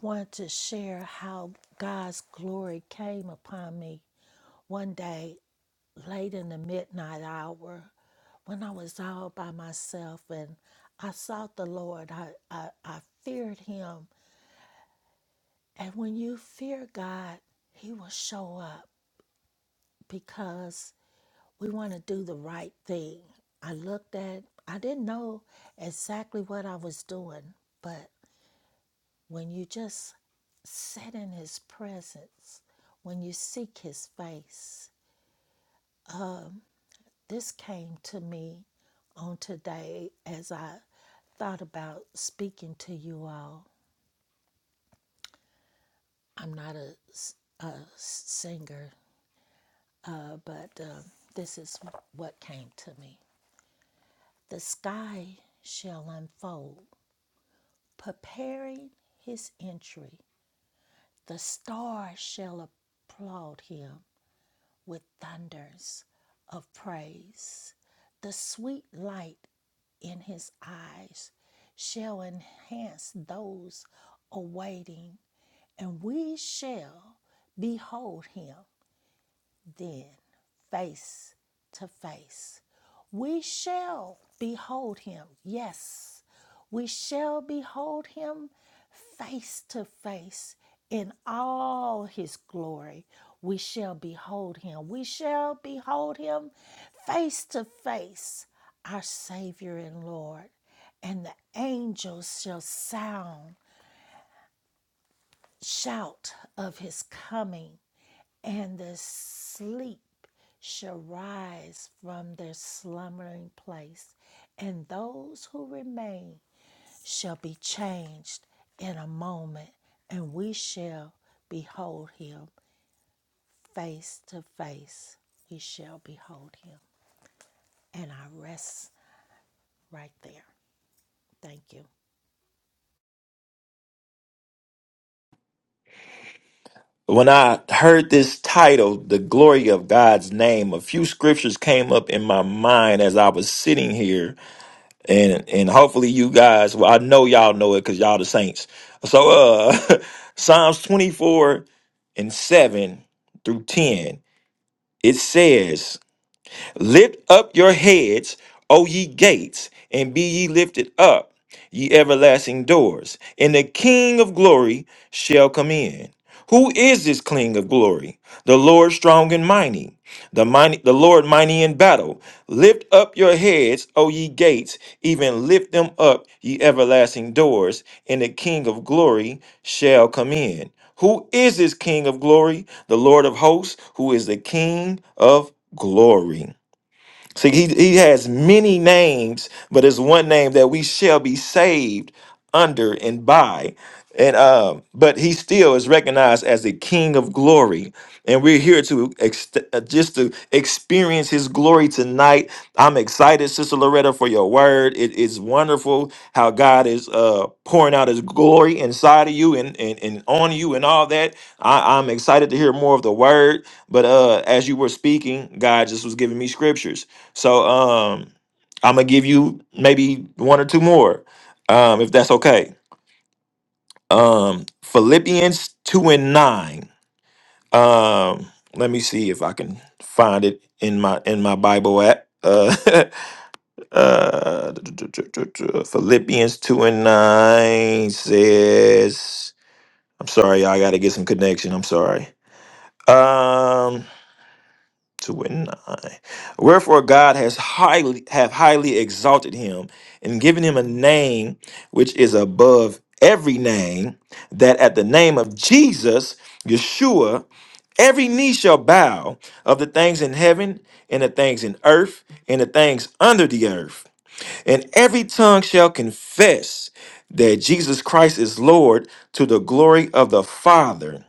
S5: wanted to share how God's glory came upon me one day late in the midnight hour when I was all by myself and I sought the Lord. I, I, I feared Him. And when you fear God, He will show up because we want to do the right thing. I looked at, I didn't know exactly what I was doing, but when you just sit in His presence, when you seek His face, this came to me on today as I thought about speaking to you all. I'm not a a singer, uh, but um, this is what came to me. The sky shall unfold, preparing his entry. The stars shall applaud him with thunders of praise. The sweet light in his eyes shall enhance those awaiting, and we shall behold him then face to face. We shall behold him. Yes, we shall behold him face to face in all his glory. We shall behold him. We shall behold him face to face, our Savior and Lord. And the angels shall sound, shout of his coming and the sleep shall rise from their slumbering place, and those who remain shall be changed in a moment, and we shall behold him face to face. We shall behold him. And I rest right there. Thank you.
S2: When I heard this title, The Glory of God's Name, a few scriptures came up in my mind as I was sitting here. And and hopefully you guys, well, I know y'all know it because y'all the saints. So uh Psalms 24 and 7 through 10, it says, Lift up your heads, O ye gates, and be ye lifted up, ye everlasting doors, and the King of glory shall come in. Who is this King of glory? The Lord strong and mighty, the mighty, the Lord mighty in battle. Lift up your heads, O ye gates, even lift them up, ye everlasting doors, and the King of glory shall come in. Who is this King of glory? The Lord of hosts, who is the King of glory. See, he, he has many names, but it's one name that we shall be saved under and by. And um, but he still is recognized as the King of Glory, and we're here to ex- uh, just to experience His glory tonight. I'm excited, Sister Loretta, for your word. It is wonderful how God is uh, pouring out His glory inside of you and and, and on you and all that. I, I'm excited to hear more of the word. But uh, as you were speaking, God just was giving me scriptures. So um I'm gonna give you maybe one or two more, um, if that's okay. Um Philippians two and nine. Um let me see if I can find it in my in my Bible app. Uh, uh Philippians two and nine says I'm sorry, y'all, I gotta get some connection. I'm sorry. Um, two and nine. Wherefore God has highly have highly exalted him and given him a name which is above every name, that at the name of Jesus, Yeshua, every knee shall bow of the things in heaven and the things in earth and the things under the earth, and every tongue shall confess that Jesus Christ is Lord to the glory of the Father.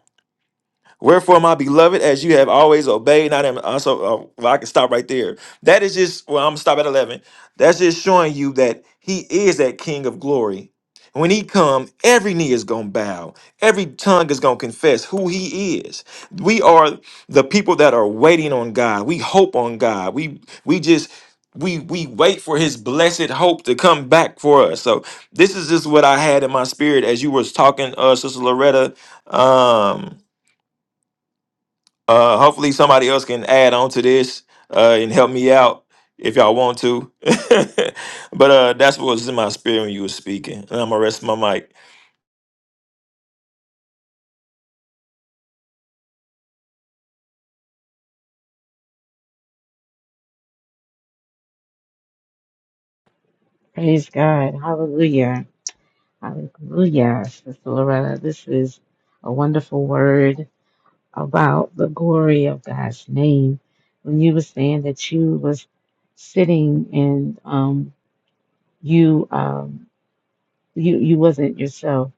S2: Wherefore, my beloved, as you have always obeyed, not am uh, so. Uh, well, I can stop right there. That is just. Well, I'm gonna stop at eleven. That's just showing you that He is that King of glory. When He come, every knee is gonna bow, every tongue is gonna confess who He is. We are the people that are waiting on God. We hope on God. We we just we we wait for His blessed hope to come back for us. So this is just what I had in my spirit as you was talking, uh, Sister Loretta. Um, uh, hopefully somebody else can add on to this uh, and help me out if y'all want to. but uh, that's what was in my spirit when you were speaking. And I'm gonna rest my mic.
S3: Praise God. Hallelujah. Hallelujah, Sister Loretta. This is a wonderful word about the glory of God's name. When you were saying that you was sitting and um you um you you wasn't yourself.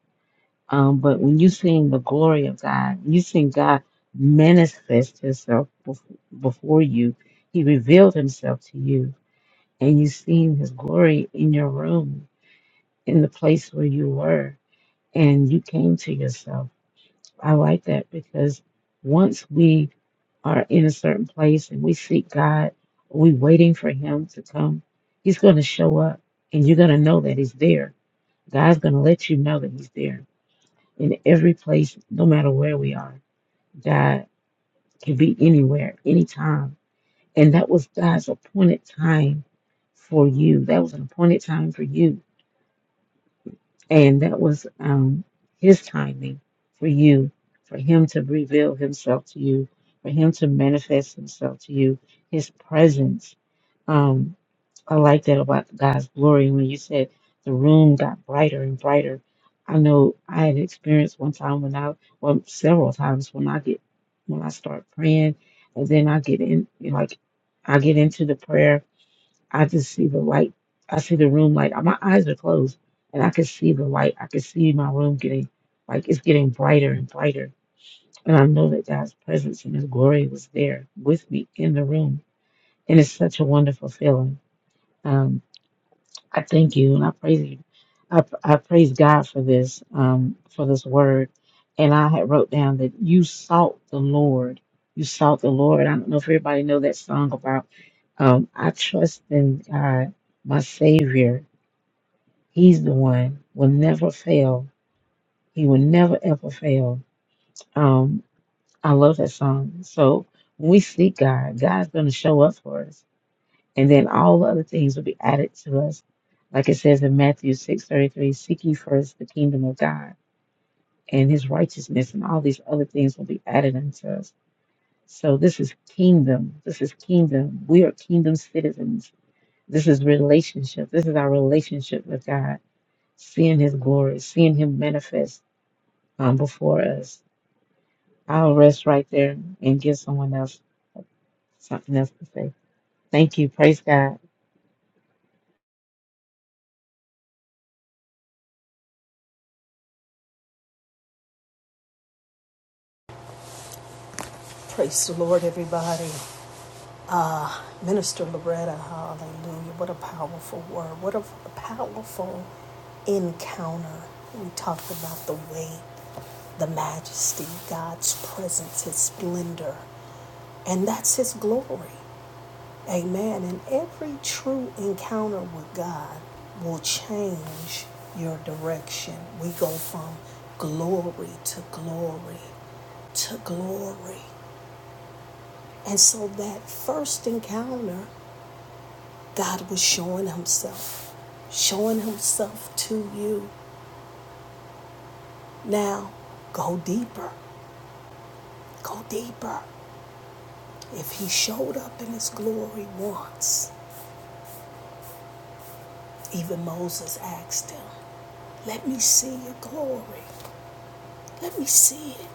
S3: Um, but when you sing the glory of God, you sing God manifest Himself bef- before you. He revealed Himself to you and you seen his glory in your room, in the place where you were, and you came to yourself. I like that because once we are in a certain place and we seek God, we waiting for him to come, he's going to show up and you're going to know that he's there. God's going to let you know that he's there in every place, no matter where we are. God can be anywhere, anytime. And that was God's appointed time for you. That was an appointed time for you And that was um, his timing for you, for him to reveal himself to you, for him to manifest himself to you, his presence. Um, I like that about God's glory. When you said the room got brighter and brighter, I know I had experienced one time when I, well, several times when I get, when I start praying, and then I get in, like, I get into the prayer I just see the light. I see the room light. My eyes are closed, and I can see the light. I can see my room getting like it's getting brighter and brighter. And I know that God's presence and His glory was there with me in the room, and it's such a wonderful feeling. Um, I thank you and I praise you. I, I praise God for this, um, for this word. And I had wrote down that you sought the Lord. You sought the Lord. I don't know if everybody know that song about um, I trust in God, my Savior. He's the one will never fail. He will never ever fail. Um, I love that song. So when we seek God, God's going to show up for us and then all the other things will be added to us. Like it says in Matthew six thirty three, seek ye first the kingdom of God and his righteousness, and all these other things will be added unto us. So this is kingdom. This is kingdom. We are kingdom citizens. This is relationship. This is our relationship with God, seeing his glory, seeing him manifest um, before us. I'll rest right there and give someone else something else to say. Thank you. Praise God.
S4: Praise the Lord, everybody. Minister Loretta, hallelujah. What a powerful word. What a, powerful encounter. We talked about the weight, the majesty, God's presence, His splendor, and that's His glory. Amen. And every true encounter with God will change your direction. We go from glory to glory to glory. And so that first encounter God was showing Himself, showing Himself to you. Now, go deeper, go deeper. If He showed up in His glory once, even Moses asked Him, Let me see your glory. Let me see it.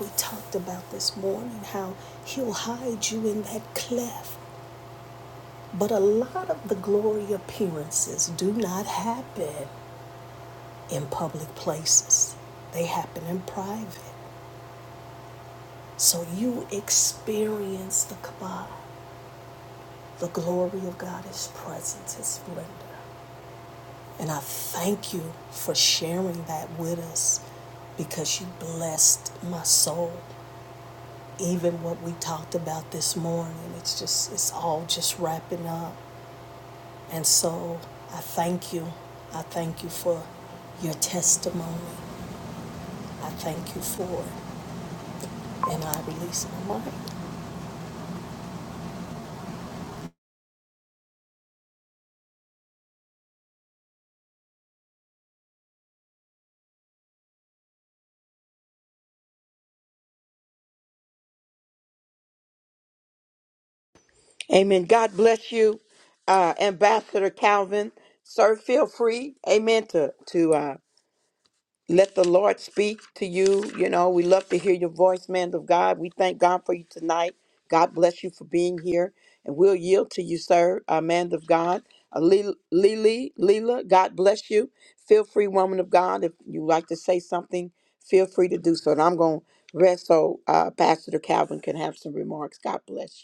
S4: We talked about this morning how He'll hide you in that cleft. But a lot of the glory appearances do not happen in public places, they happen in private. So you experience the kabod. The glory of God, His presence, His splendor. And I thank you for sharing that with us because you blessed my soul. Even what we talked about this morning, it's just, it's all just wrapping up. And so I thank you. I thank you for your testimony. I thank you for it. And I release my mind.
S1: Amen. God bless you, uh, Ambassador Calvin. Sir, feel free, amen, to, to uh, let the Lord speak to you. You know, we love to hear your voice, man of God. We thank God for you tonight. God bless you for being here. And we'll yield to you, sir, uh, man of God. Uh, Lil- Lily, Leela, God bless you. Feel free, woman of God. If you like to say something, feel free to do so. And I'm going to rest so uh, Pastor Calvin can have some remarks. God bless you.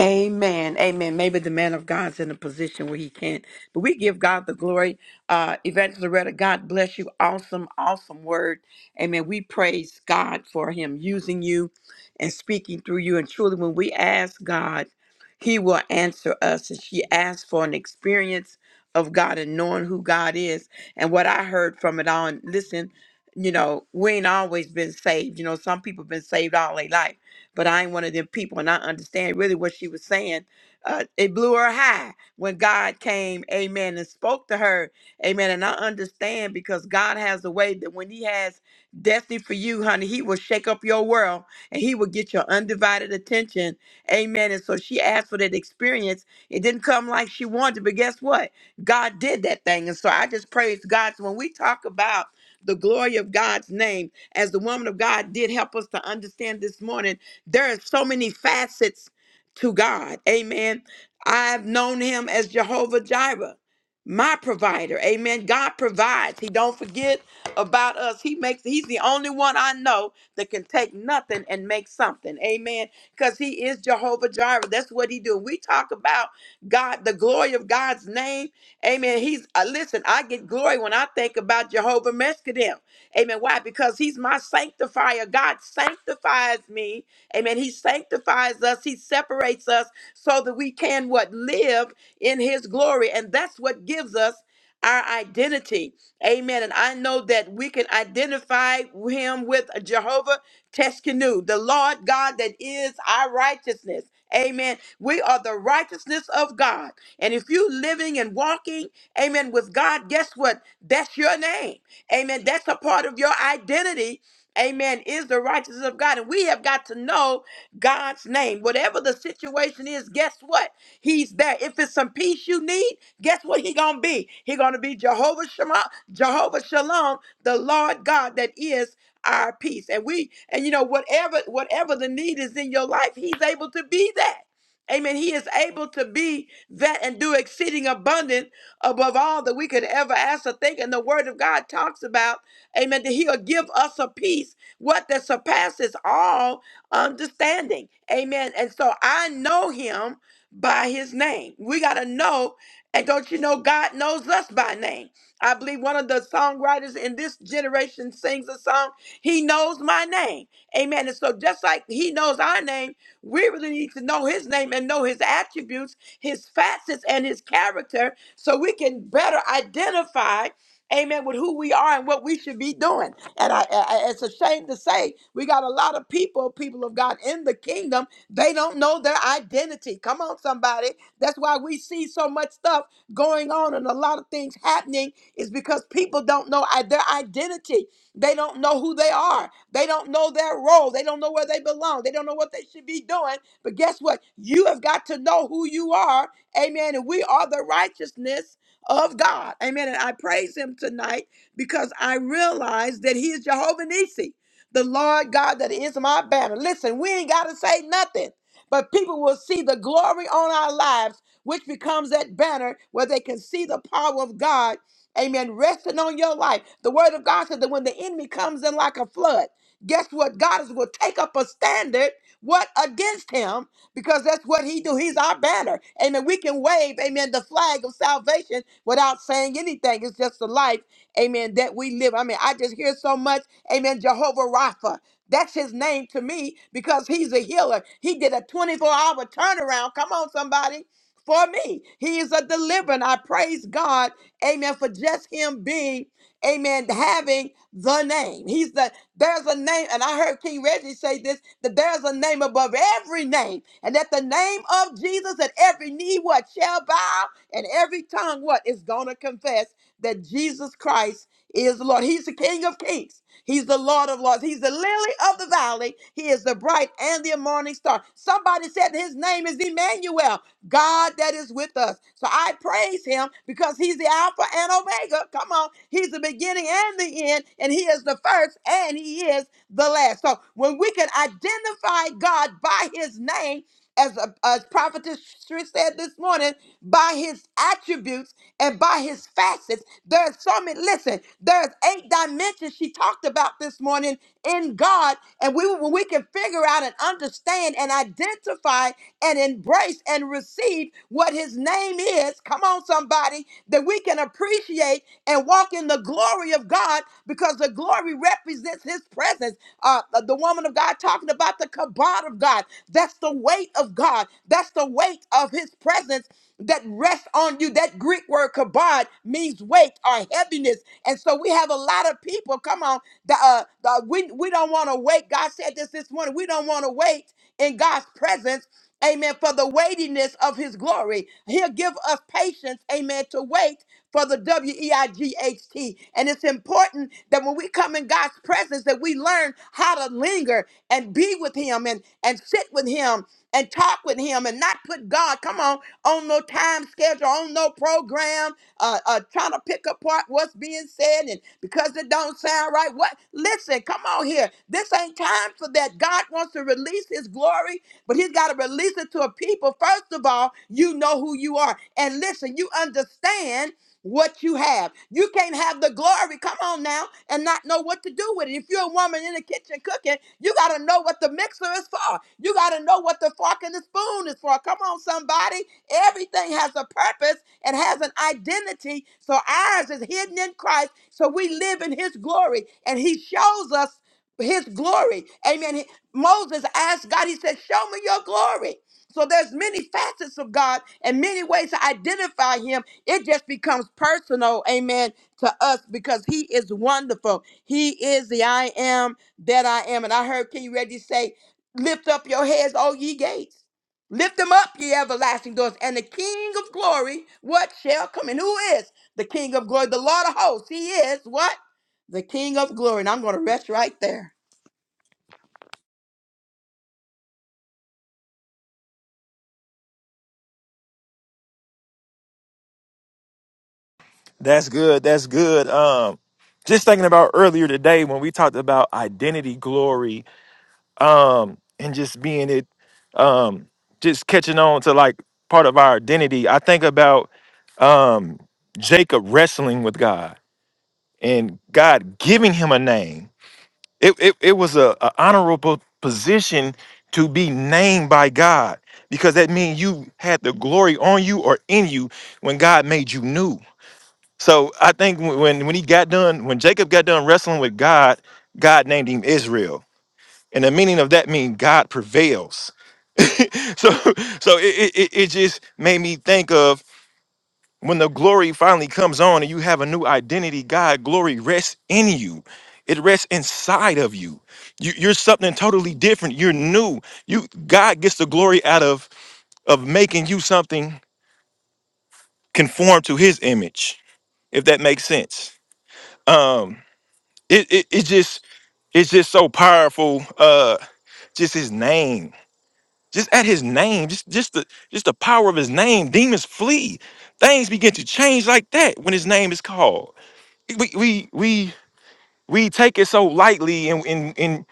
S1: Amen. Amen. Maybe the man of God's in a position where he can't, but we give God the glory. Uh, Evangelist Loretta, God bless you. Awesome, awesome word. Amen. We praise God for him using you and speaking through you. And truly, when we ask God, he will answer us. And she asked for an experience of God and knowing who God is. And what I heard from it all, and listen, you know, we ain't always been saved. You know, some people been saved all their life but I ain't one of them people, and I understand really what she was saying. Uh, it blew her high when God came, amen, and spoke to her, amen. And I understand because God has a way that when He has destiny for you, honey, He will shake up your world and He will get your undivided attention, amen. And so she asked for that experience. It didn't come like she wanted, but guess what? God did that thing. And so I just praise God. So when we talk about the glory of God's name, as the woman of God did help us to understand this morning, there are so many facets to God. Amen. I've known him as Jehovah Jireh, my provider. Amen. God provides. He don't forget about us. He makes he's the only one I know that can take nothing and make something. Amen. Cuz he is Jehovah Jireh. That's what he do. We talk about God, the glory of God's name. Amen. He's uh, listen, I get glory when I think about Jehovah Meskedem. Amen. Why? Because he's my sanctifier. God sanctifies me Amen. He sanctifies us, He separates us so that we can what? Live in His glory. And that's what gives us our identity. Amen. And I know that we can identify Him with Jehovah Teskenu, the Lord God that is our righteousness. Amen. We are the righteousness of God. And if you living and walking, amen, with God, guess what? That's your name. Amen. That's a part of your identity amen, is the righteousness of God. And we have got to know God's name. Whatever the situation is, guess what? He's there. If it's some peace you need, guess what he gonna be? He gonna be Jehovah Shema, Jehovah Shalom, the Lord God that is our peace. And we, and you know, whatever, whatever the need is in your life, he's able to be that. Amen. He is able to be that and do exceeding abundant above all that we could ever ask or think. And the word of God talks about. Amen. That he'll give us a peace, what that surpasses all understanding. Amen. And so I know him by his name. We got to know. And don't you know, God knows us by name. I believe one of the songwriters in this generation sings a song, He Knows My Name. Amen. And so, just like He knows our name, we really need to know His name and know His attributes, His facets, and His character so we can better identify amen, with who we are and what we should be doing. And I, I it's a shame to say we got a lot of people, people of God in the kingdom, they don't know their identity. Come on, somebody. That's why we see so much stuff going on and a lot of things happening is because people don't know i- their identity. They don't know who they are. They don't know their role. They don't know where they belong. They don't know what they should be doing. But guess what? You have got to know who you are. Amen. And we are the righteousness of God. Amen. And I praise him tonight because I realize that he is Jehovah Nissi, the Lord God that is my banner. Listen, we ain't got to say nothing, but people will see the glory on our lives, which becomes that banner where they can see the power of God. Amen. Resting on your life. The word of God said that when the enemy comes in like a flood, guess what? God is will take up a standard, what against him? because that's what he do. He's our banner. Amen. We can wave, amen, the flag of salvation without saying anything. It's just the life, amen, that we live. I mean, I just hear so much, amen, Jehovah Rapha. That's his name to me because he's a healer. He did a 24 hour turnaround. Come on, somebody. For me, he is a deliverer. and I praise God, amen, for just him being amen, having the name. He's the, there's a name, and I heard King Reggie say this, that there's a name above every name, and at the name of Jesus, that every knee what shall bow, and every tongue what is going to confess that Jesus Christ is the Lord. He's the King of kings. He's the Lord of lords. He's the lily of the valley. He is the bright and the morning star. Somebody said his name is Emmanuel. God that is with us. So I praise him because he's the Alpha and Omega. Come on. He's the beginning and the end, and he is the first and he is the last. So when we can identify God by his name, as, a, as prophetess Trish said this morning, by his attributes and by his facets. There's so many, listen, there's eight dimensions she talked about this morning in God. And we when we can figure out and understand and identify and embrace and receive what his name is. Come on, somebody, that we can appreciate and walk in the glory glory of God because the glory represents his presence. Uh, the woman of God talking about the kabod of God. That's the weight of God. That's the weight of his presence that rests on you. That Greek word kabod means weight or heaviness. And so we have a lot of people, come on, that, uh, that we, we don't want to wait. God said this this morning. We don't want to wait in God's presence Amen. For the weightiness of his glory. He'll give us patience, amen, to wait for the W E I G H T. And it's important that when we come in God's presence, that we learn how to linger and be with him and, and sit with him and talk with him and not put God, come on, on the no time schedule, on no program, uh, uh, trying to pick apart what's being said, and because it don't sound right, what? Listen, come on here. This ain't time for that. God wants to release His glory, but He's got to release it to a people. First of all, you know who you are, and listen, you understand what you have. You can't have the glory, come on now, and not know what to do with it. If you're a woman in the kitchen cooking, you got to know what the mixer is for. You got to know what the fork and the spoon is for. Come on, somebody. Everything has a purpose and has an identity. So ours is hidden in Christ. So we live in his glory, and he shows us his glory. Amen. He- Moses asked God, he said, Show me your glory. So there's many facets of God and many ways to identify him it just becomes personal, amen, to us because he is wonderful. He is the I am that I am. And I heard King Reggie say, Lift up your heads, all ye gates. Lift them up, ye everlasting doors, and the King of glory, what shall come in? Who is the King of glory? The Lord of hosts. He is what? The King of glory. And I'm going to rest right there.
S2: That's good. That's good. Um, just thinking about earlier today when we talked about identity, glory, um, and just being it, um, just catching on to like part of our identity. I think about um, Jacob wrestling with God and God giving him a name It, it, it was a, a honorable position to be named by God because that means you had the glory on you or in you when God made you new. So I think when when when he got done, when Jacob got done wrestling with God, God named him Israel. And the meaning of that means God prevails. So so it, it, it it just made me think of when the glory finally comes on and you have a new identity, God glory rests in you. It rests inside of you. you. You're something totally different. You're new. You God gets the glory out of of making you something conform to His image, if that makes sense. Um, it it, it just it's just so powerful. Uh, just His name, just at His name, just just the just the power of His name. Demons flee. Things begin to change like that when His name is called we we we we take it so lightly and and and,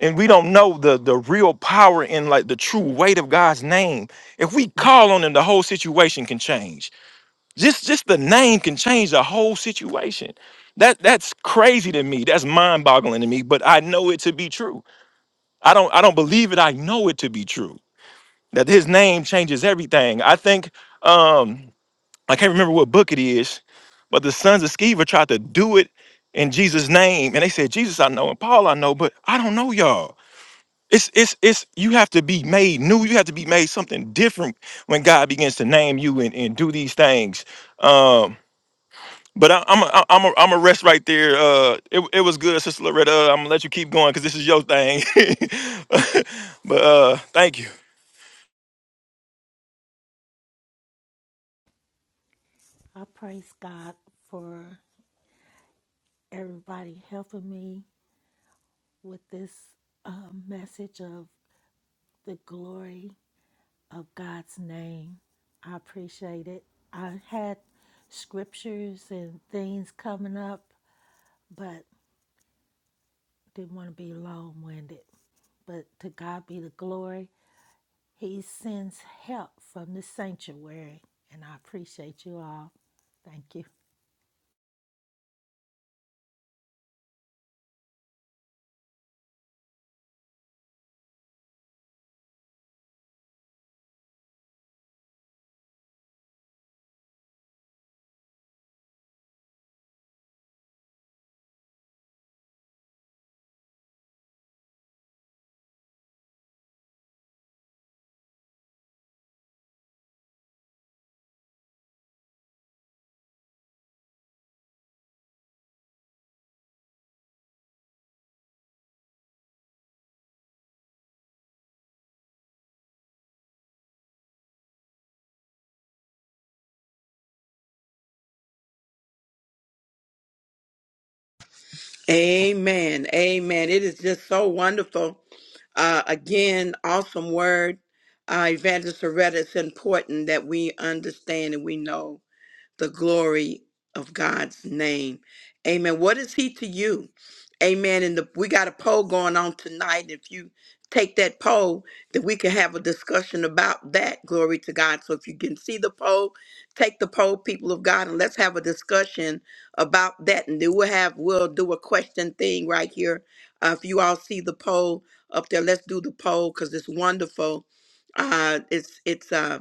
S2: and we don't know the the real power and like the true weight of God's name. If we call on him, the whole situation can change. Just just the name can change the whole situation. That that's crazy to me. That's mind-boggling to me, but I know it to be true. I don't I don't believe it. I know it to be true. That his name changes everything. I think um I can't remember what book it is, but the sons of Sceva tried to do it in Jesus' name, and they said, "Jesus, I know, and Paul, I know, but I don't know y'all." It's it's it's you have to be made new. You have to be made something different when God begins to name you and, and do these things. Um, but I, I'm a, I'm a, I'm a rest right there. Uh, it, it was good, Sister Loretta. Uh, I'm gonna let you keep going because this is your thing. but uh, thank you.
S5: I praise God for everybody helping me with this uh, message of the glory of God's name. I appreciate it. I had scriptures and things coming up, but didn't want to be long winded. But to God be the glory. He sends help from the sanctuary, and I appreciate you all. Thank you.
S1: Amen. Amen. It is just so wonderful. Uh, again, awesome word. Uh, Evangelist Soretta, it's important that we understand and we know the glory of God's name. Amen. What is he to you? Amen. And the, we got a poll going on tonight. If you take that poll, then we can have a discussion about that. Glory to God. So if you can see the poll, take the poll, people of God, and let's have a discussion about that. And then we'll have we'll do a question thing right here. Uh, if you all see the poll up there, let's do the poll because it's wonderful. Uh, it's it's uh,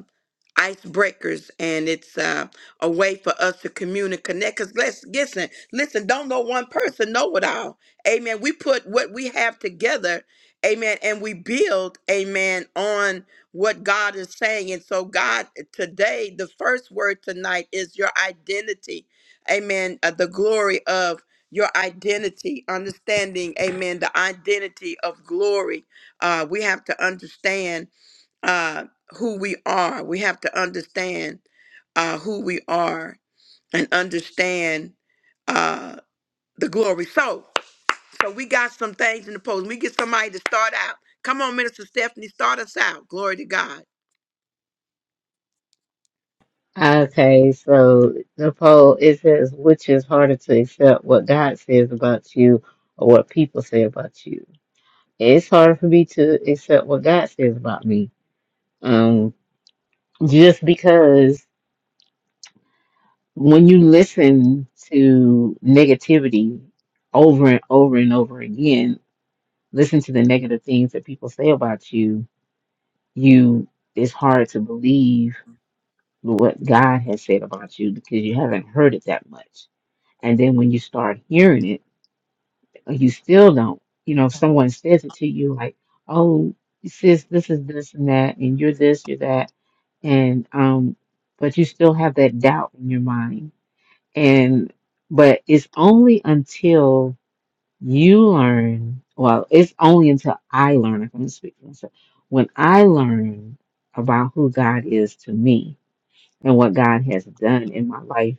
S1: icebreakers and it's. Uh, a way for us to communicate, connect. Because let's listen, listen, don't know one person, know it all. Amen. We put what we have together, amen, and we build, amen, on what God is saying. And so, God, today, the first word tonight is your identity. Amen. Uh, the glory of your identity, understanding, amen, the identity of glory. Uh, we have to understand uh, who we are. We have to understand uh, who we are and understand uh, the glory. So, so we got some things in the post. We get somebody to start out. Come on, Minister Stephanie, start us out. Glory to God.
S3: Okay, so Nicole, it says which is harder to accept what God says about you or what people say about you. It's harder for me to accept what God says about me. Um, just because when you listen to negativity over and over and over again, listen to the negative things that people say about you, you it's hard to believe what God has said about you because you haven't heard it that much And then when you start hearing it, you still don't. You know, if someone says it to you, like, oh, sis, this is this and that, and you're this, you're that. And, um, but you still have that doubt in your mind. And, but it's only until you learn, well, it's only until I learn, if I'm speaking for myself, when I learn about who God is to me and what God has done in my life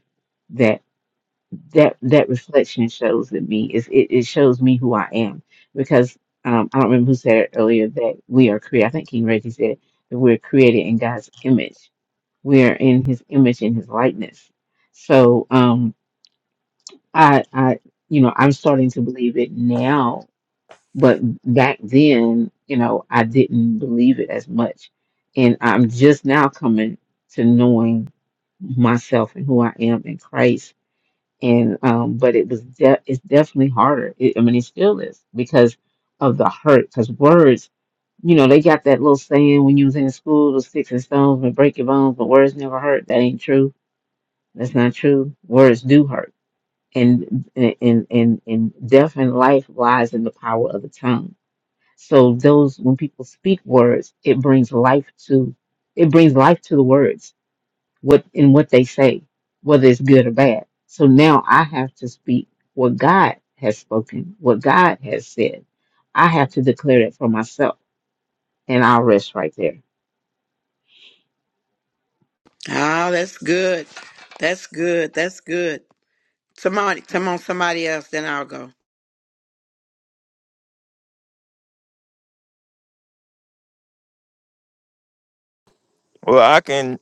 S3: that that that reflection shows in me is it, it shows me who I am because um, I don't remember who said it earlier that we are created. I think King Reggie said it, that we're created in God's image. We are in His image and His likeness. So um, I I you know I'm starting to believe it now, but back then you know I didn't believe it as much, and I'm just now coming to knowing myself and who I am in Christ and um, but it was de- it's definitely harder. It, I mean, it still is because of the hurt. Because words, you know, they got that little saying when you was in school, the sticks and stones may break your bones, but words never hurt. That ain't true. That's not true. Words do hurt, and and and and death and life lies in the power of the tongue. So those when people speak words, it brings life to it brings life to the words what in what they say, whether it's good or bad. So now I have to speak what God has spoken, what God has said. I have to declare it for myself, and I'll rest right there.
S1: Ah, that's good. That's good. That's good. Somebody, come on, somebody else. Then I'll go.
S2: Well, I can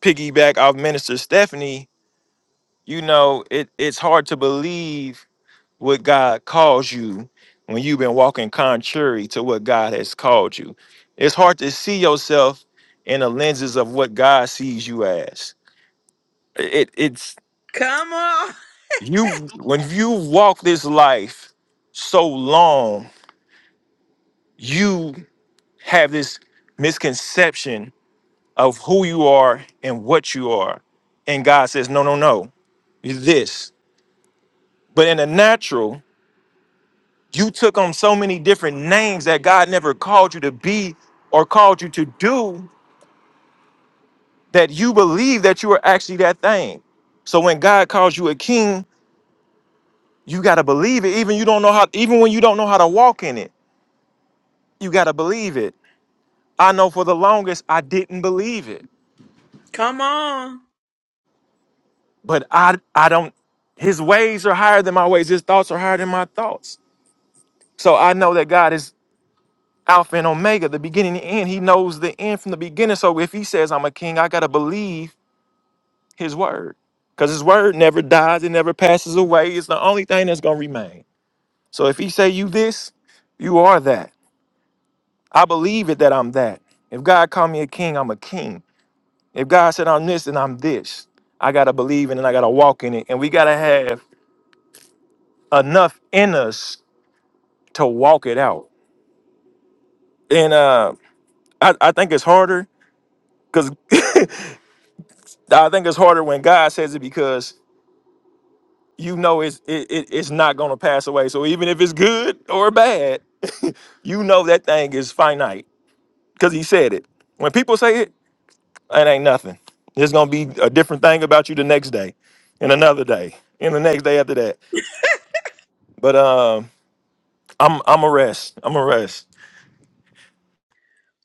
S2: piggyback off Minister Stephanie you know, it, it's hard to believe what God calls you when you've been walking contrary to what God has called you. It's hard to see yourself in the lenses of what God sees you as. It it's
S1: Come on,
S2: you when you walk this life so long, you have this misconception of who you are and what you are. And God says, no, no, no, you're this. But in the natural, You took on so many different names that God never called you to be or called you to do that you believe that you are actually that thing. So when God calls you a king, you got to believe it even you don't know how even when you don't know how to walk in it. You got to believe it. I know for the longest I didn't believe it,
S1: come on.
S2: but I I don't his ways are higher than my ways. His thoughts are higher than my thoughts. So I know that God is Alpha and Omega, the beginning and the end. He knows the end from the beginning. So if he says I'm a king, I gotta believe his word. Because his word never dies, it never passes away. It's the only thing that's gonna remain. So if he say you this, you are that. I believe it that I'm that. If God called me a king, I'm a king. If God said I'm this, then I'm this. I gotta believe in it, and I gotta walk in it. And we gotta have enough in us to walk it out. And uh I, I think it's harder because I think it's harder when God says it because. you know it's it, it, it's not gonna pass away. So even if it's good or bad, you know that thing is finite because he said it. When people say it, it ain't nothing. There's gonna be a different thing about you the next day, and another day, and the next day after that. But um, I'm I'm a rest. I'm a rest.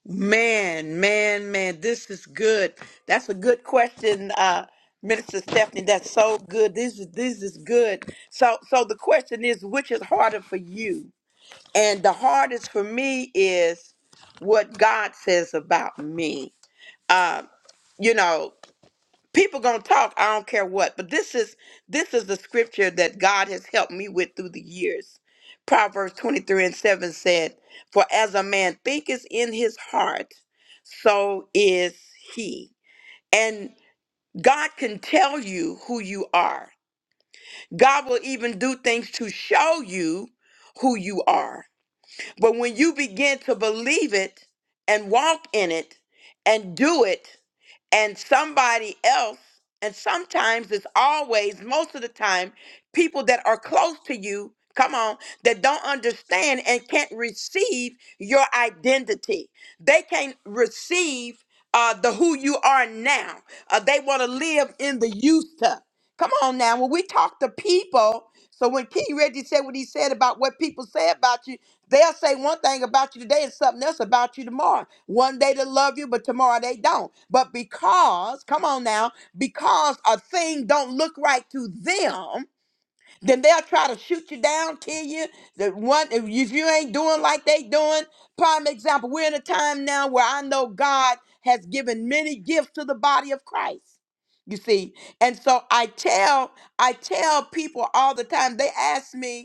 S1: Man, man, man, this is good. That's a good question, uh, Minister Stephanie. That's so good. This is this is good. So so the question is which is harder for you? And the hardest for me is what God says about me. Um, you know, people gonna talk i don't care what but this is this is the scripture that god has helped me with through the years proverbs 23 and 7 said for as a man thinketh in his heart so is he and god can tell you who you are god will even do things to show you who you are but when you begin to believe it and walk in it and do it and somebody else, and sometimes it's always, most of the time, people that are close to you, come on, that don't understand and can't receive your identity. They can't receive uh, the who you are now. Uh, they want to live in the used stuff. Come on now, when we talk to people, so when King Reggie said what he said about what people say about you, They'll say one thing about you today and something else about you tomorrow. One day they love you, but tomorrow they don't. But because, come on now, because a thing don't look right to them, then they'll try to shoot you down, kill you. The one if if you ain't doing like they doing. Prime example, we're in a time now where I know God has given many gifts to the body of Christ. You see, and so I tell I tell people all the time. They ask me,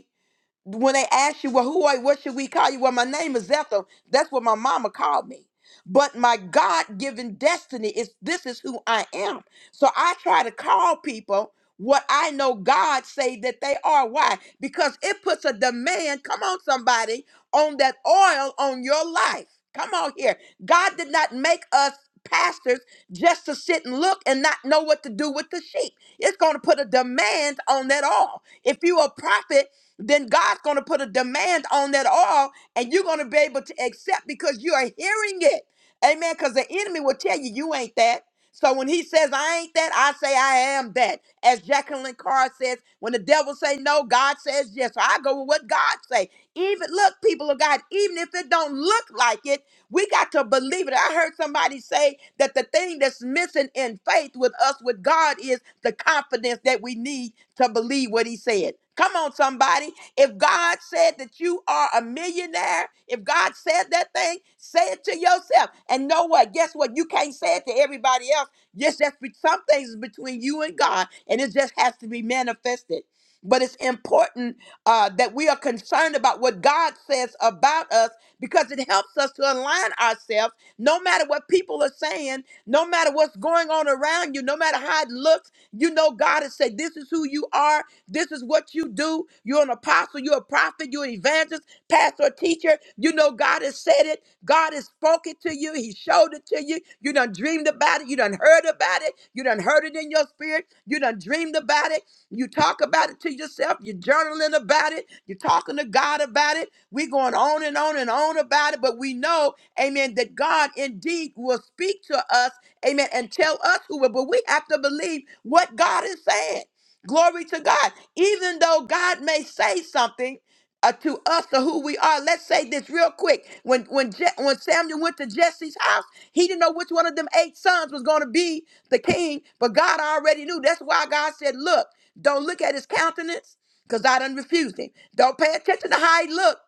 S1: when they ask you, well, who are What should we call you? Well, my name is Ethel. That's what my mama called me. But my God given destiny is this is who I am. So I try to call people what I know God say that they are. Why? Because it puts a demand, come on, somebody, on that oil on your life. Come on here. God did not make us pastors just to sit and look and not know what to do with the sheep. It's going to put a demand on that all. If you a prophet, then God's going to put a demand on that oil and you're going to be able to accept because you are hearing it. Amen. Because the enemy will tell you, you ain't that. So when he says I ain't that, I say I am that. As Jacqueline Carr says, when the devil say no, God says yes. So I go with what God say. Even look, people of God, even if it don't look like it, we got to believe it. I heard somebody say that the thing that's missing in faith with us, with God, is the confidence that we need to believe what He said. Come on, somebody. If God said that you are a millionaire, if God said that thing, say it to yourself. And know what? Guess what? You can't say it to everybody else. Yes, that's be- some things is between you and God, and it just has to be manifested. But it's important uh, that we are concerned about what God says about us because it helps us to align ourselves no matter what people are saying, no matter what's going on around you, no matter how it looks. You know, God has said, This is who you are, this is what you do. You're an apostle, you're a prophet, you're an evangelist, pastor, teacher. You know, God has said it, God has spoken to you, He showed it to you. You done dreamed about it, you done heard about it, you done heard it in your spirit, you done dreamed about it. You talk about it to yourself. You're journaling about it. You're talking to God about it. We're going on and on and on about it. But we know, amen, that God indeed will speak to us, amen, and tell us who will. But we have to believe what God is saying. Glory to God. Even though God may say something, uh, to us or who we are. Let's say this real quick. When when Je- when Samuel went to Jesse's house, he didn't know which one of them eight sons was going to be the king, but God already knew. That's why God said, "Look, don't look at his countenance, because I done refused him. Don't pay attention to how he looked,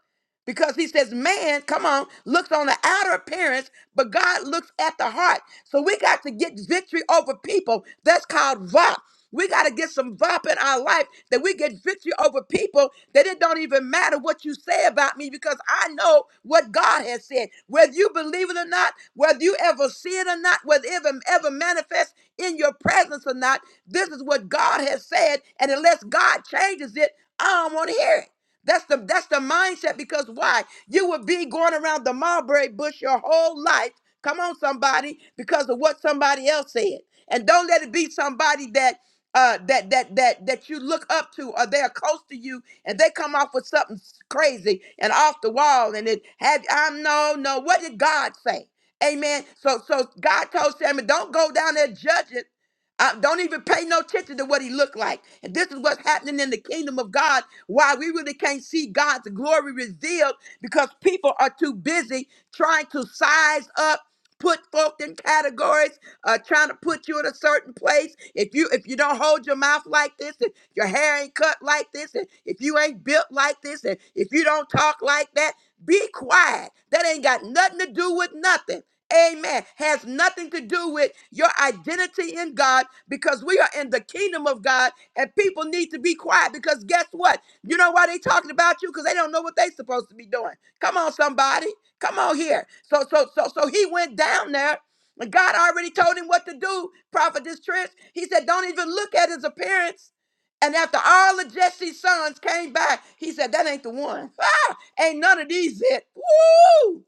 S1: because he says, man, come on, looks on the outer appearance, but God looks at the heart. So we got to get victory over people. That's called VOP. We got to get some VOP in our life that we get victory over people that it don't even matter what you say about me because I know what God has said. Whether you believe it or not, whether you ever see it or not, whether it ever, ever manifests in your presence or not, this is what God has said. And unless God changes it, I don't want to hear it. That's the that's the mindset because why? You would be going around the mulberry bush your whole life. Come on, somebody, because of what somebody else said. And don't let it be somebody that uh that that that that you look up to or they're close to you and they come off with something s- crazy and off the wall and it have I'm no no what did God say? Amen. So so God told Samuel, don't go down there judging uh, don't even pay no attention to what he looked like. And this is what's happening in the kingdom of God. Why we really can't see God's glory revealed because people are too busy trying to size up, put folk in categories, uh, trying to put you in a certain place, if you if you don't hold your mouth like this, and your hair ain't cut like this, and if you ain't built like this, and if you don't talk like that, be quiet. That ain't got nothing to do with nothing. Amen. Has nothing to do with your identity in God because we are in the kingdom of God and people need to be quiet because guess what? You know why they talking about you? Because they don't know what they supposed to be doing. Come on, somebody. Come on here. So so so so he went down there and God already told him what to do, Prophetess Trish. He said, Don't even look at his appearance. And after all of Jesse's sons came back, he said, That ain't the one. Ah, ain't none of these it. Woo!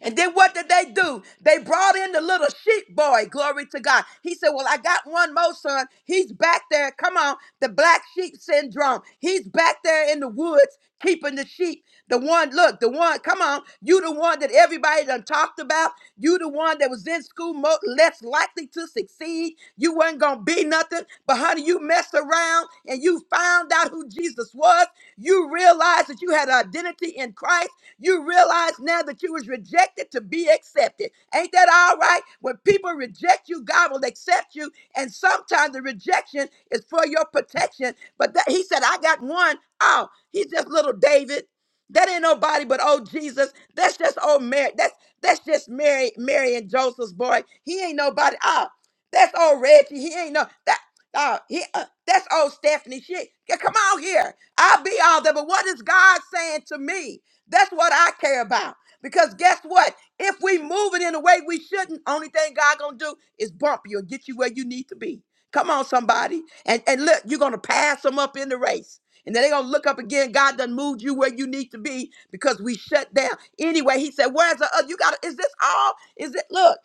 S1: And then what did they do? They brought in the little sheep boy. Glory to God. He said, Well, I got one more son. He's back there. Come on. The black sheep syndrome. He's back there in the woods keeping the sheep. The one, look, the one, come on. You the one that everybody done talked about. You the one that was in school mo- less likely to succeed. You wasn't going to be nothing. But honey, you messed around and you found out who Jesus was. You realized that you had an identity in Christ. You realize now that you was rejected to be accepted. Ain't that all right? When people reject you, God will accept you. And sometimes the rejection is for your protection. But that, he said, I got one. Oh, he's just little David. That ain't nobody but old Jesus. That's just old Mary. That's that's just Mary, Mary and Joseph's boy. He ain't nobody. Oh, that's old Reggie. He ain't no that. Oh, he, uh, that's old Stephanie. She, yeah, come on here. I'll be all there. But what is God saying to me? That's what I care about. Because guess what? If we move it in a way we shouldn't, only thing God gonna do is bump you and get you where you need to be. Come on, somebody. And and look, you're gonna pass them up in the race. And then they're gonna look up again. God done moved you where you need to be because we shut down. Anyway, he said, Where's the other? You gotta, is this all? Is it look?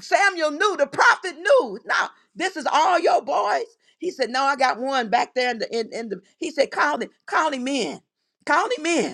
S1: Samuel knew, the prophet knew. Now, this is all your boys. He said, No, I got one back there in the in, in the he said, call him, call him in. Call him in.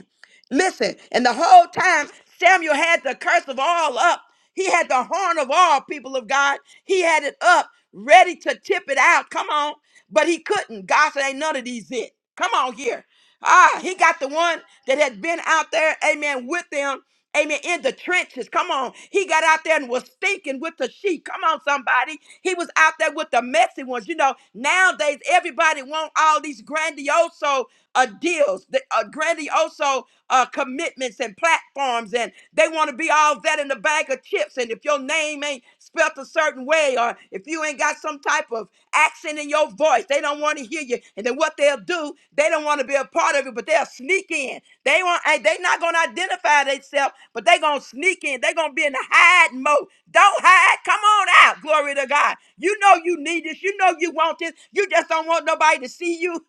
S1: Listen, and the whole time Samuel had the curse of all up. He had the horn of all people of God. He had it up, ready to tip it out. Come on. But he couldn't. God said, Ain't none of these it. Come on here. Ah, he got the one that had been out there, amen, with them Amen. In the trenches. Come on. He got out there and was stinking with the sheep. Come on, somebody. He was out there with the messy ones. You know, nowadays everybody want all these grandioso uh, deals, the, uh, grandioso uh, commitments and platforms, and they want to be all that in the bag of chips. And if your name ain't spelt a certain way, or if you ain't got some type of accent in your voice, they don't want to hear you. And then what they'll do, they don't want to be a part of it, but they'll sneak in. They want and they not gonna identify themselves, but they gonna sneak in. They gonna be in the hide mode. Don't hide. Come on out. Glory to God. You know you need this. You know you want this. You just don't want nobody to see you.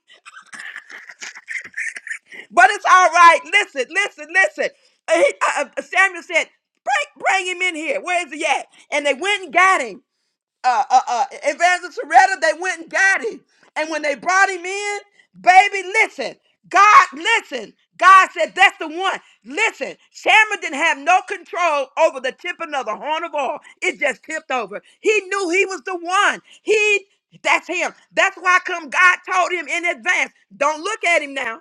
S1: But it's all right. Listen, listen, listen. Uh, he- uh, uh, Samuel said, bring, bring him in here. Where is he at? And they went and got him uh, uh, uh, Evangelist Soretta, they went and got him. And when they brought him in, baby, listen, God, listen. God said, that's the one. Listen, Shammah didn't have no control over the tipping of the horn of oil. It just tipped over. He knew he was the one. He, that's him. That's why come God told him in advance, don't look at him now.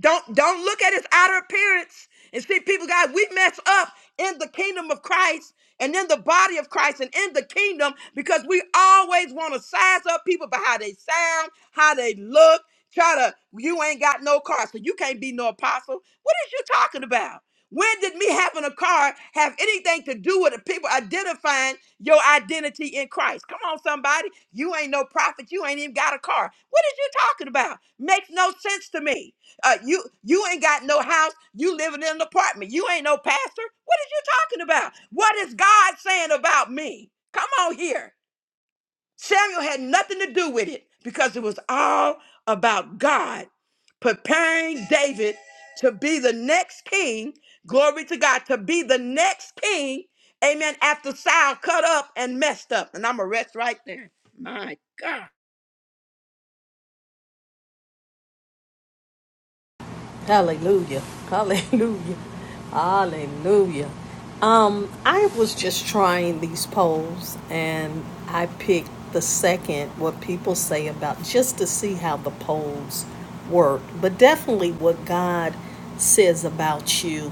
S1: Don't don't look at his outer appearance and see people, guys, we mess up in the kingdom of Christ and in the body of Christ and in the kingdom because we always want to size up people by how they sound, how they look. Try to, you ain't got no car, so you can't be no apostle. What is you talking about? When did me having a car have anything to do with the people identifying your identity in Christ? Come on, somebody. You ain't no prophet. You ain't even got a car. What is you talking about? Makes no sense to me. Uh, you you ain't got no house. You living in an apartment. You ain't no pastor. What is you talking about? What is God saying about me? Come on here. Samuel had nothing to do with it because it was all about God preparing David to be the next king. Glory to God to be the next king. Amen. After Saul cut up and messed up, and I'm gonna rest right there. My God.
S4: Hallelujah. Hallelujah. Hallelujah. Um, I was just trying these polls and I picked the second, what people say about just to see how the polls work, but definitely what God says about you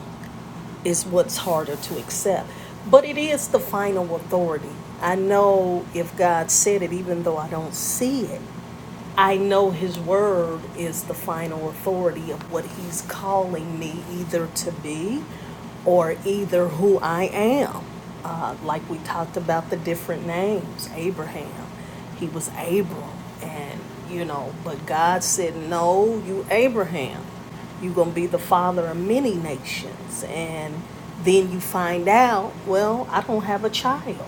S4: is what's harder to accept. But it is the final authority. I know if God said it, even though I don't see it, I know His Word is the final authority of what He's calling me either to be or either who I am. Uh, like we talked about the different names Abraham, he was Abram. And, you know, but God said, No, you Abraham. You're going to be the father of many nations. And then you find out, well, I don't have a child.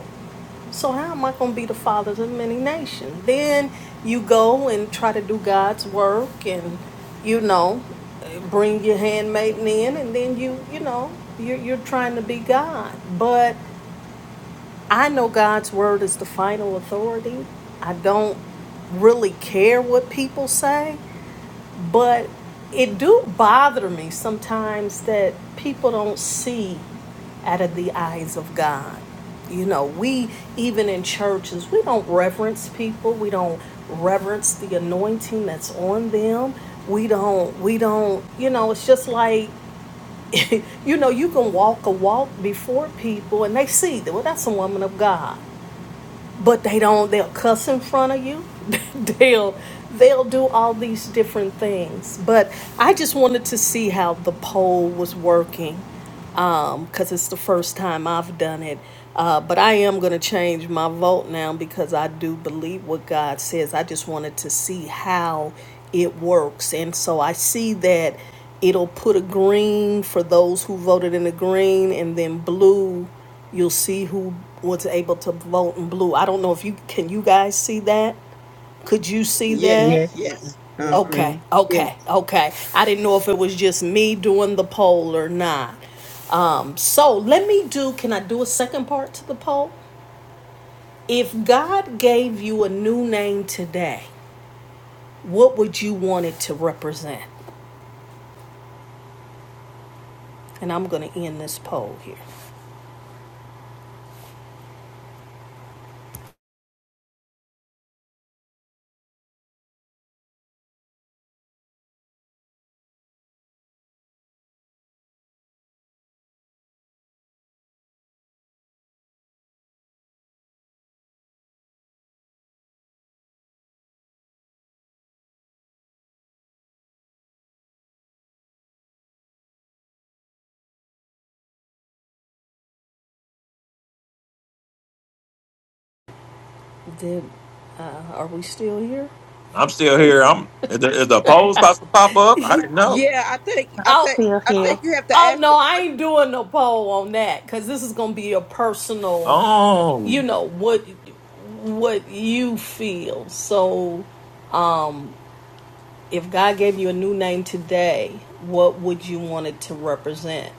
S4: So how am I going to be the father of many nations? Then you go and try to do God's work and, you know, bring your handmaiden in and then you, you know, you're, you're trying to be God. But I know God's word is the final authority. I don't really care what people say but it do bother me sometimes that people don't see out of the eyes of God. You know, we even in churches, we don't reverence people. We don't reverence the anointing that's on them. We don't we don't, you know, it's just like you know, you can walk a walk before people and they see that well that's a woman of God but they don't they'll cuss in front of you they'll they'll do all these different things but i just wanted to see how the poll was working um, because it's the first time I've done it. Uh, but I am going to change my vote now because I do believe what God says. I just wanted to see how it works. And so I see that it'll put a green for those who voted in the green and then blue. You'll see who was able to vote in blue. I don't know if you can you guys see that? Could you see that?
S1: Yes.
S3: Yes,
S1: Yes. Uh
S3: yes,
S1: huh.
S4: Okay,
S3: ma'am.
S4: okay, okay. I didn't know if it was just me doing the poll or not. Um, so let me do, can I do a second part to the poll? If God gave you a new name today, what would you want it to represent? And I'm going to end this poll here. Did, uh, are we still here?
S2: I'm still here. I'm is the, is the polls about to pop up? I didn't know.
S1: Yeah, I think I
S4: Oh,
S1: think I think you have to
S4: oh
S1: ask
S4: no, I ain't doing no poll on that because this is going to be a personal, you
S2: Oh,
S4: know, what what you feel. So If God gave you a new name today, what would you want it to represent?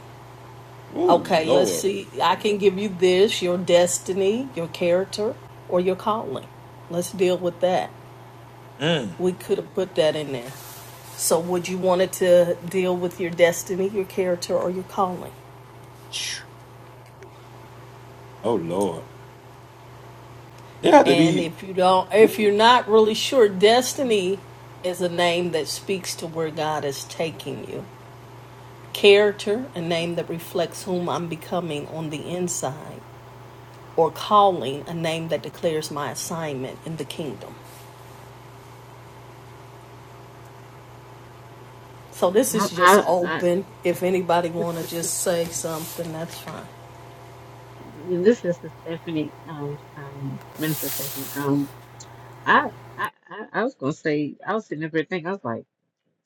S2: ooh,
S4: Okay, let's
S2: Lord.
S4: see. I can give you this your destiny, your character, or your calling. Let's deal with that.
S2: Mm.
S4: We could have put that in there. So, would you want it to deal with your destiny, your character, or your calling?
S2: Phew. Oh Lord. They have to
S4: And
S2: be
S4: if you don't, if you're
S2: ooh,
S4: not really sure, destiny is a name that speaks to where God is taking you. Character, a name that reflects whom I'm becoming on the inside. or calling a name that declares my assignment in the kingdom. So this
S3: I,
S4: is just
S3: I, I,
S4: open. If anybody want to just say something, that's fine.
S3: this is Stephanie, um, um, Minister Stephanie. I, I, I I was gonna say, I was sitting up here thinking, I was like,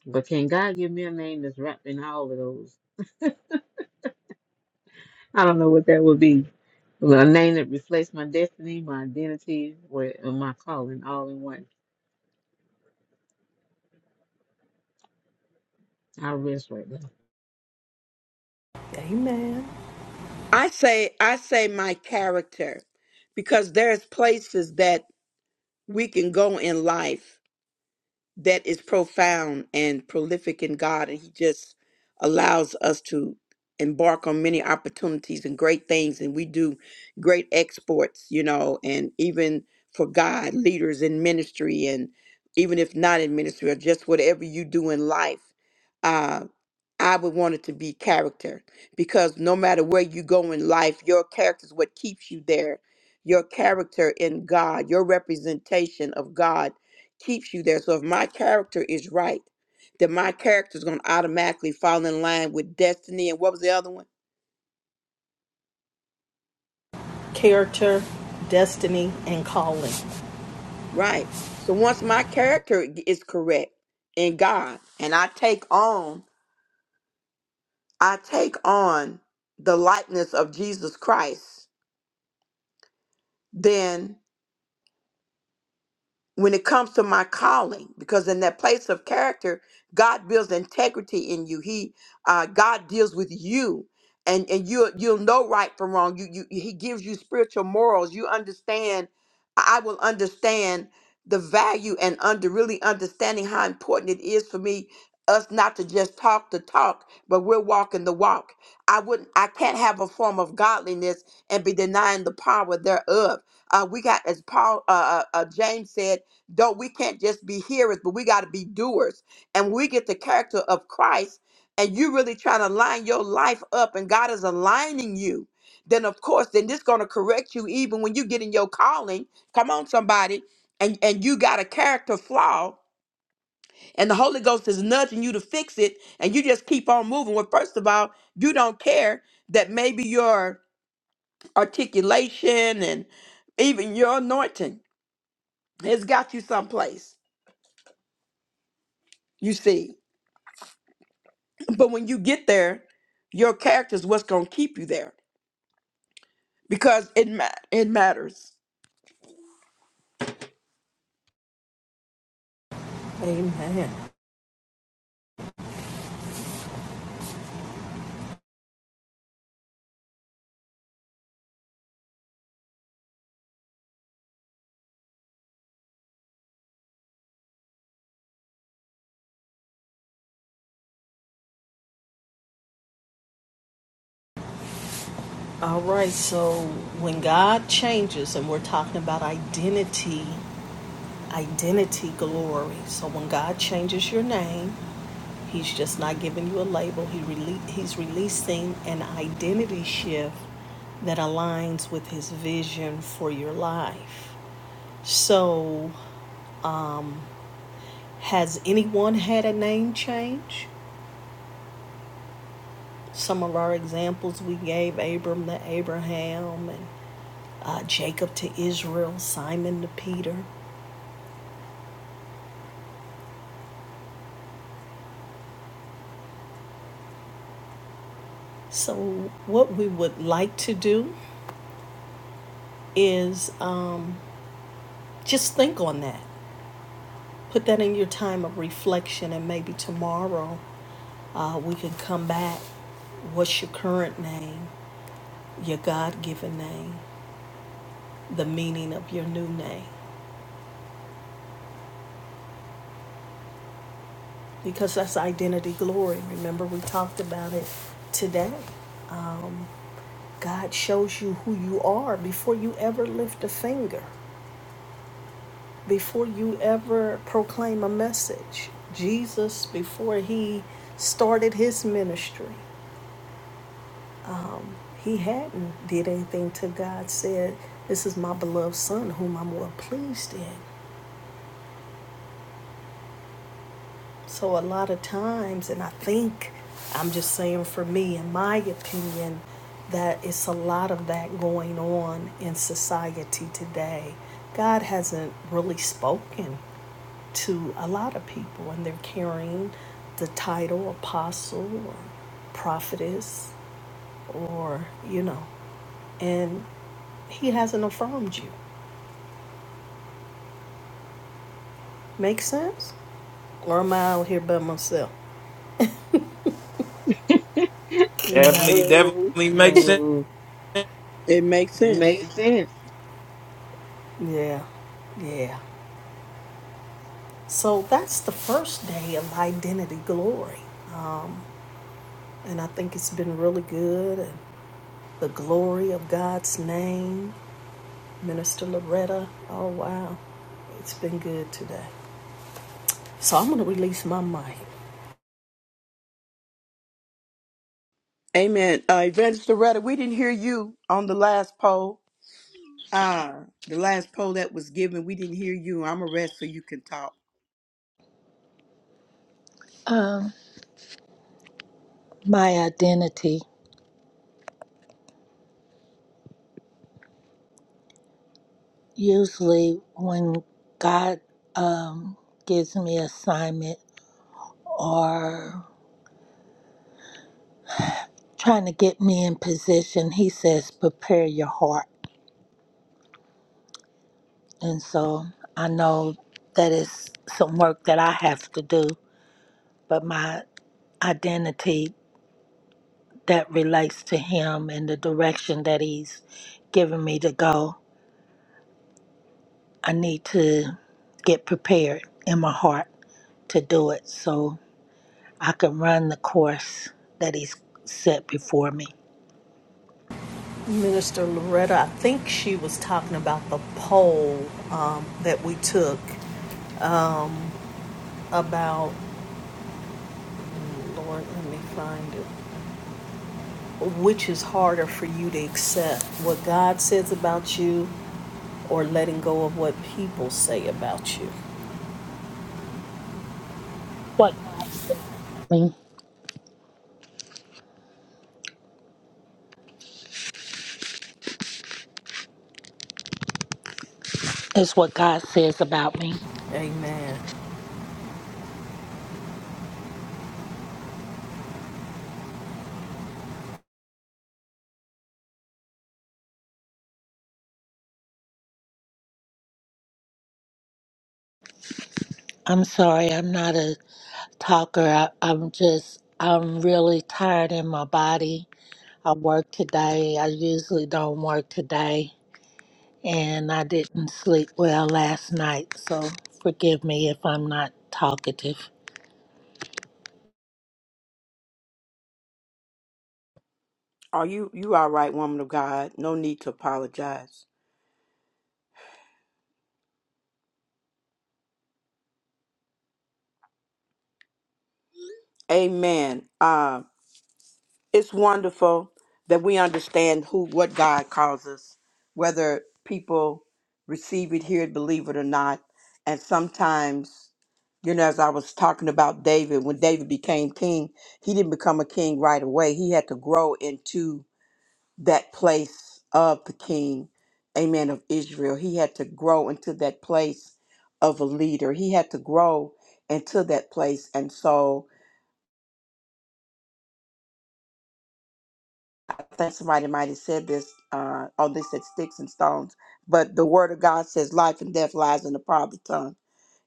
S3: but can God give me a name that's wrapped in all of those? I don't know what that would be. Well, a name that reflects my destiny, my identity, where- and my calling all in one. I rest right now.
S4: Amen.
S1: I say I say my character because there's places that we can go in life that is profound and prolific in God and he just allows us to embark on many opportunities and great things and we do great exports, you know, and even for God, leaders in ministry and even if not in ministry or just whatever you do in life uh, I would want it to be character because no matter where you go in life, your character is what keeps you there. Your character in God, your representation of God keeps you there. So if my character is right, then my character is going to automatically fall in line with destiny. And what was the other one?
S4: Character, destiny, and calling.
S1: Right. So once my character g- is correct in God and I take on, I take on the likeness of Jesus Christ, then. when it comes to my calling because in that place of character god builds integrity in you he uh, god deals with you and and you you'll you'll know right from wrong you, you he gives you spiritual morals you understand i will understand the value and under really understanding how important it is for me us not to just talk the talk but we're walking the walk i wouldn't i can't have a form of godliness and be denying the power thereof uh, we got as paul uh, uh, uh, james said don't we can't just be hearers, but we got to be doers. And when we get the character of Christ, and you really trying to line your life up, and God is aligning you. Then of course, then this gonna correct you even when you get in your calling. Come on, somebody, and and you got a character flaw, and the Holy Ghost is nudging you to fix it, and you just keep on moving. Well, first of all, you don't care that maybe your articulation and even your anointing has got you someplace. You see. but when you get there, your character is what's going to keep you there because it ma- it matters.
S4: Amen. All right, so when God changes, and we're talking about identity, identity glory. So when God changes your name, He's just not giving you a label. He rele- he's releasing an identity shift that aligns with his vision for your life. So, has anyone had a name change? Some of our examples we gave Abram to Abraham and uh, Jacob to Israel, Simon to Peter. So, what we would like to do is um, just think on that put that in your time of reflection and maybe tomorrow uh, we can come back. What's your current name, your God given name, the meaning of your new name? Because that's identity glory. Remember, we talked about it today. God shows you who you are before you ever lift a finger, before you ever proclaim a message. Jesus, before he started his ministry, he hadn't did anything to God, said, This is my beloved son whom I'm well pleased in. So, a lot of times, and I think I'm just saying for me, in my opinion, that it's a lot of that going on in society today. God hasn't really spoken to a lot of people, and they're carrying the title apostle or prophetess or, you know, and He hasn't affirmed you. Make sense? Or am I out here by myself?
S2: definitely
S3: No.
S2: definitely makes sense.
S3: No,
S1: It makes
S3: it
S1: sense.
S3: makes sense.
S4: Yeah, yeah. So that's the first day of identity glory. And I think it's been really good. And the glory of God's name, Minister Loretta. Oh, wow. It's been good today. So I'm going to release my mic.
S1: Amen. Uh, Evangelist Loretta, we didn't hear you on the last poll. Uh, the last poll that was given, we didn't hear you. I'm a rest so you can talk.
S5: Um, my identity. Usually, when God um, gives me assignment or trying to get me in position, He says, "Prepare your heart." And so I know that is some work that I have to do, but my identity that relates to him and the direction that he's given me to go, I need to get prepared in my heart to do it so I can run the course that he's set before me.
S4: Minister Loretta, I think she was talking about the poll um, that we took about, Lord, let me find it. Which is harder for you to accept, what God says about you or letting go of what people say about you?
S5: What God says about me is what God says about me.
S4: Amen.
S5: I'm sorry, I'm not a Talker, I, I'm just, I'm really tired in my body. I worked today. I usually don't work today. And I didn't sleep well last night. So forgive me if I'm not talkative.
S1: Are you you all right, woman of God? No need to apologize. Amen. Um. it's wonderful that we understand who what God calls us, whether people receive it, hear it, believe it or not. And sometimes, you know, as I was talking about David, when David became king, he didn't become a king right away. He had to grow into that place of the king, amen, of Israel. He had to grow into that place of a leader. He had to grow into that place. And so I think somebody might have said this, uh, or they said sticks and stones, but the word of God says life and death lies in the power of the tongue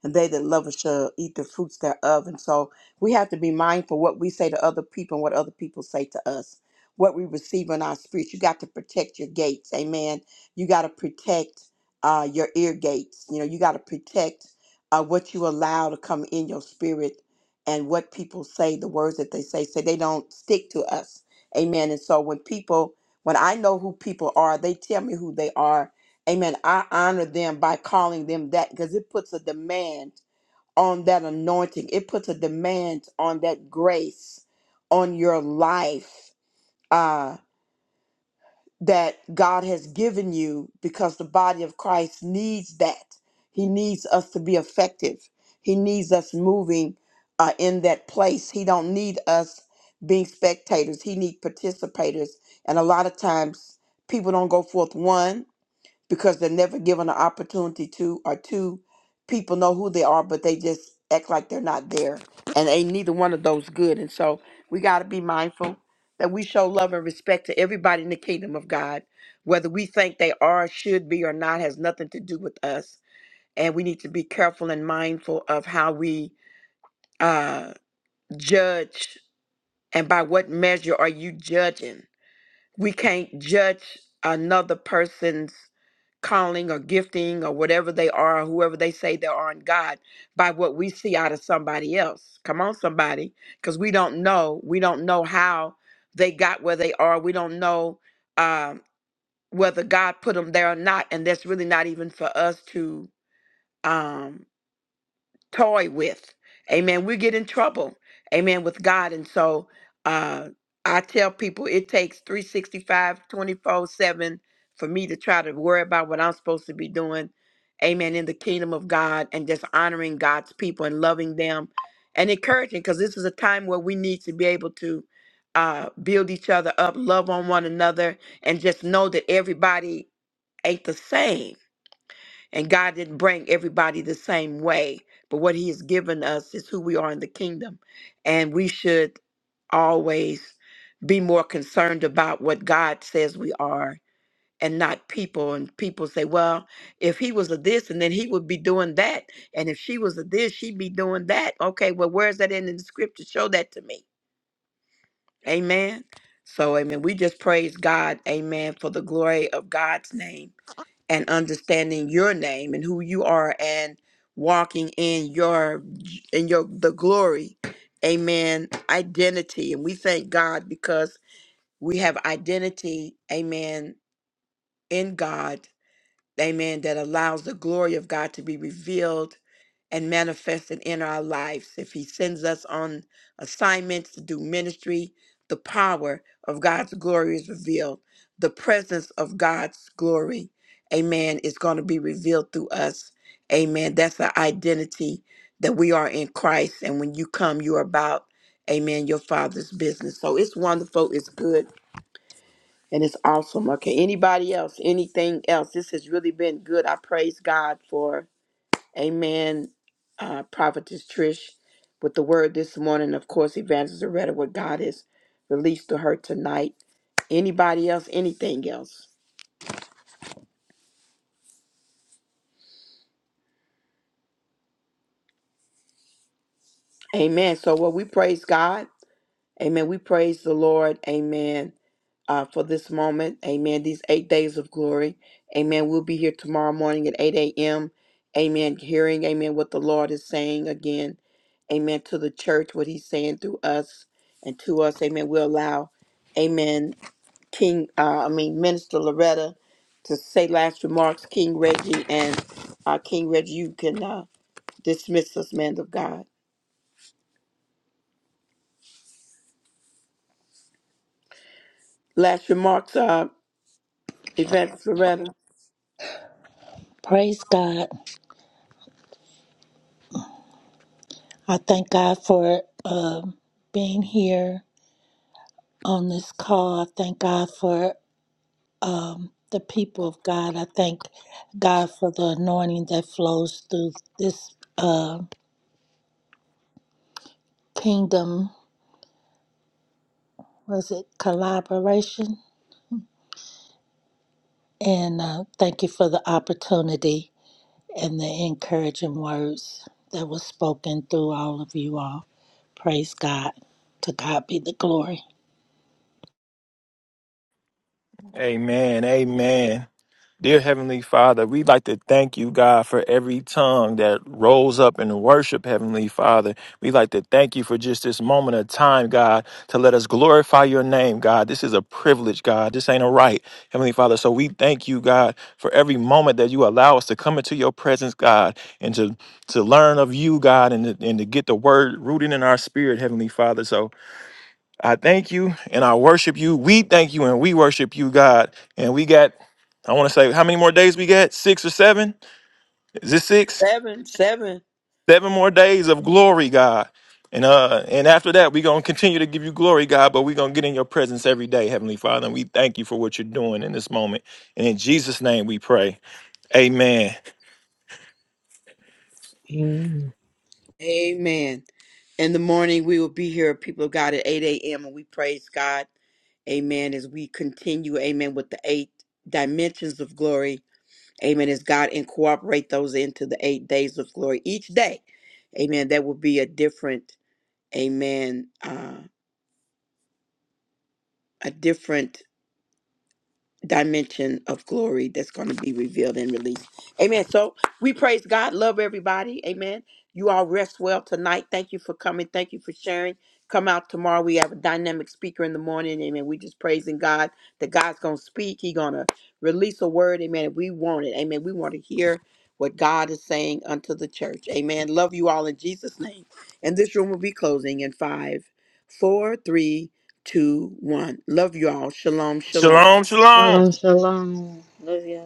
S1: and they that love us shall eat the fruits thereof. And so we have to be mindful what we say to other people and what other people say to us, what we receive in our spirits. You got to protect your gates. Amen. You got to protect uh, your ear gates. You know, you got to protect uh, what you allow to come in your spirit and what people say, the words that they say, so they don't stick to us. Amen. And so when people, when I know who people are, they tell me who they are Amen. I honor them by calling them that because it puts a demand on that anointing. It puts a demand on that grace on your life uh, that God has given you because the body of Christ needs that. He needs us to be effective. He needs us moving uh, in that place. He don't need us being spectators. He need participators. And a lot of times people don't go forth one because they're never given an opportunity to or two people know who they are but they just act like they're not there and ain't neither one of those good and so we got to be mindful that we show love and respect to everybody in the kingdom of god whether we think they are should be or not has nothing to do with us and we need to be careful and mindful of how we uh judge and by what measure are you judging we can't judge another person's calling or gifting or whatever they are, whoever they say they are in God, by what we see out of somebody else. Come on, somebody, because we don't know. We don't know how they got where they are. We don't know um, whether God put them there or not, and that's really not even for us to. Um, toy with. Amen. We get in trouble. Amen. With God. And so uh I tell people it takes three sixty five 7 for me to try to worry about what I'm supposed to be doing. Amen. In the kingdom of God and just honoring God's people and loving them and encouraging because this is a time where we need to be able to uh, build each other up, love on one another, and just know that everybody ain't the same and God didn't bring everybody the same way, but what He has given us is who we are in the kingdom. And we should always be more concerned about what God says we are and not people. And people say, well, if he was a this, and then he would be doing that. And if she was a this, she'd be doing that. Okay, well, where's that in the scripture? Show that to me. Amen. So, amen. We just praise God. Amen. For the glory of God's name and understanding your name and who you are and walking in your in your the glory amen identity and we thank god because we have identity amen in god amen, that allows the glory of God to be revealed and manifested in our lives. If He sends us on assignments to do ministry, the power of God's glory is revealed. The presence of God's glory, amen, is going to be revealed through us. Amen. That's our identity that we are in Christ. And when you come, you are about, amen, your Father's business. So it's wonderful. It's good and it's awesome. Okay. Anybody else? Anything else? This has really been good. I praise God for Amen. Uh, Prophetess Trish with the word this morning. Of course, Evangelist Loretta, what God has released to her tonight. Anybody else? Anything else? Amen. So, well, we praise God. Amen. We praise the Lord. Amen uh, for this moment. Amen. These eight days of glory. Amen. We'll be here tomorrow morning at 8 a.m. Amen. Hearing, amen, what the Lord is saying again. Amen. To the church, what he's saying through us and to us. Amen. We'll allow, amen, King, uh, I mean, Minister Loretta to say last remarks. King Reggie and uh, King Reggie, you can uh, dismiss us, man of God. Last remarks, uh, Evangelist Loretta.
S5: Praise God. I thank God for um being here on this call. I thank God for the people of God. I thank God for the anointing that flows through this uh, kingdom. Was it collaboration? And uh, thank you for the opportunity and the encouraging words that was spoken through all of you all. Praise God. To God be the glory.
S2: Amen. Amen. Dear Heavenly Father, we'd like to thank you, God, for every tongue that rose up in worship, Heavenly Father. We'd like to thank you for just this moment of time, God, to let us glorify your name, God. This is a privilege, God. This ain't a right, Heavenly Father. So we thank you, God, for every moment that you allow us to come into your presence, God, and to, to learn of you, God, and to, and to get the word rooted in our spirit, Heavenly Father. So I thank you and I worship you. We thank you and we worship you, God. And we got, I want to say, how many more days we got? Six or seven? Is this six?
S1: Seven, seven.
S2: Seven more days of glory, God. And uh, and after that, we're gonna continue to give you glory, God, but we're gonna get in your presence every day, Heavenly Father. And we thank you for what you're doing in this moment. And in Jesus' name we pray. Amen.
S3: Amen.
S1: Amen. In the morning, we will be here, people of God, at 8 a.m., and we praise God. Amen. As we continue, amen, with the eight dimensions of glory. Amen. As God incorporate those into the eight days of glory each day. Amen. That will be a different, amen, uh, a different dimension of glory that's going to be revealed and released. Amen. So we praise God. Love everybody. Amen. You all rest well tonight. Thank you for coming. Thank you for sharing. Come out tomorrow. We have a dynamic speaker in the morning. Amen. We just praising God that God's going to speak. He going to release a word. Amen. If we want it. Amen. We want to hear what God is saying unto the church. Amen. Love you all in Jesus' name. And this room will be closing in five, four, three, two, one. Love you all. Shalom. Shalom.
S2: Shalom, shalom.
S3: Shalom, shalom. Love y'all.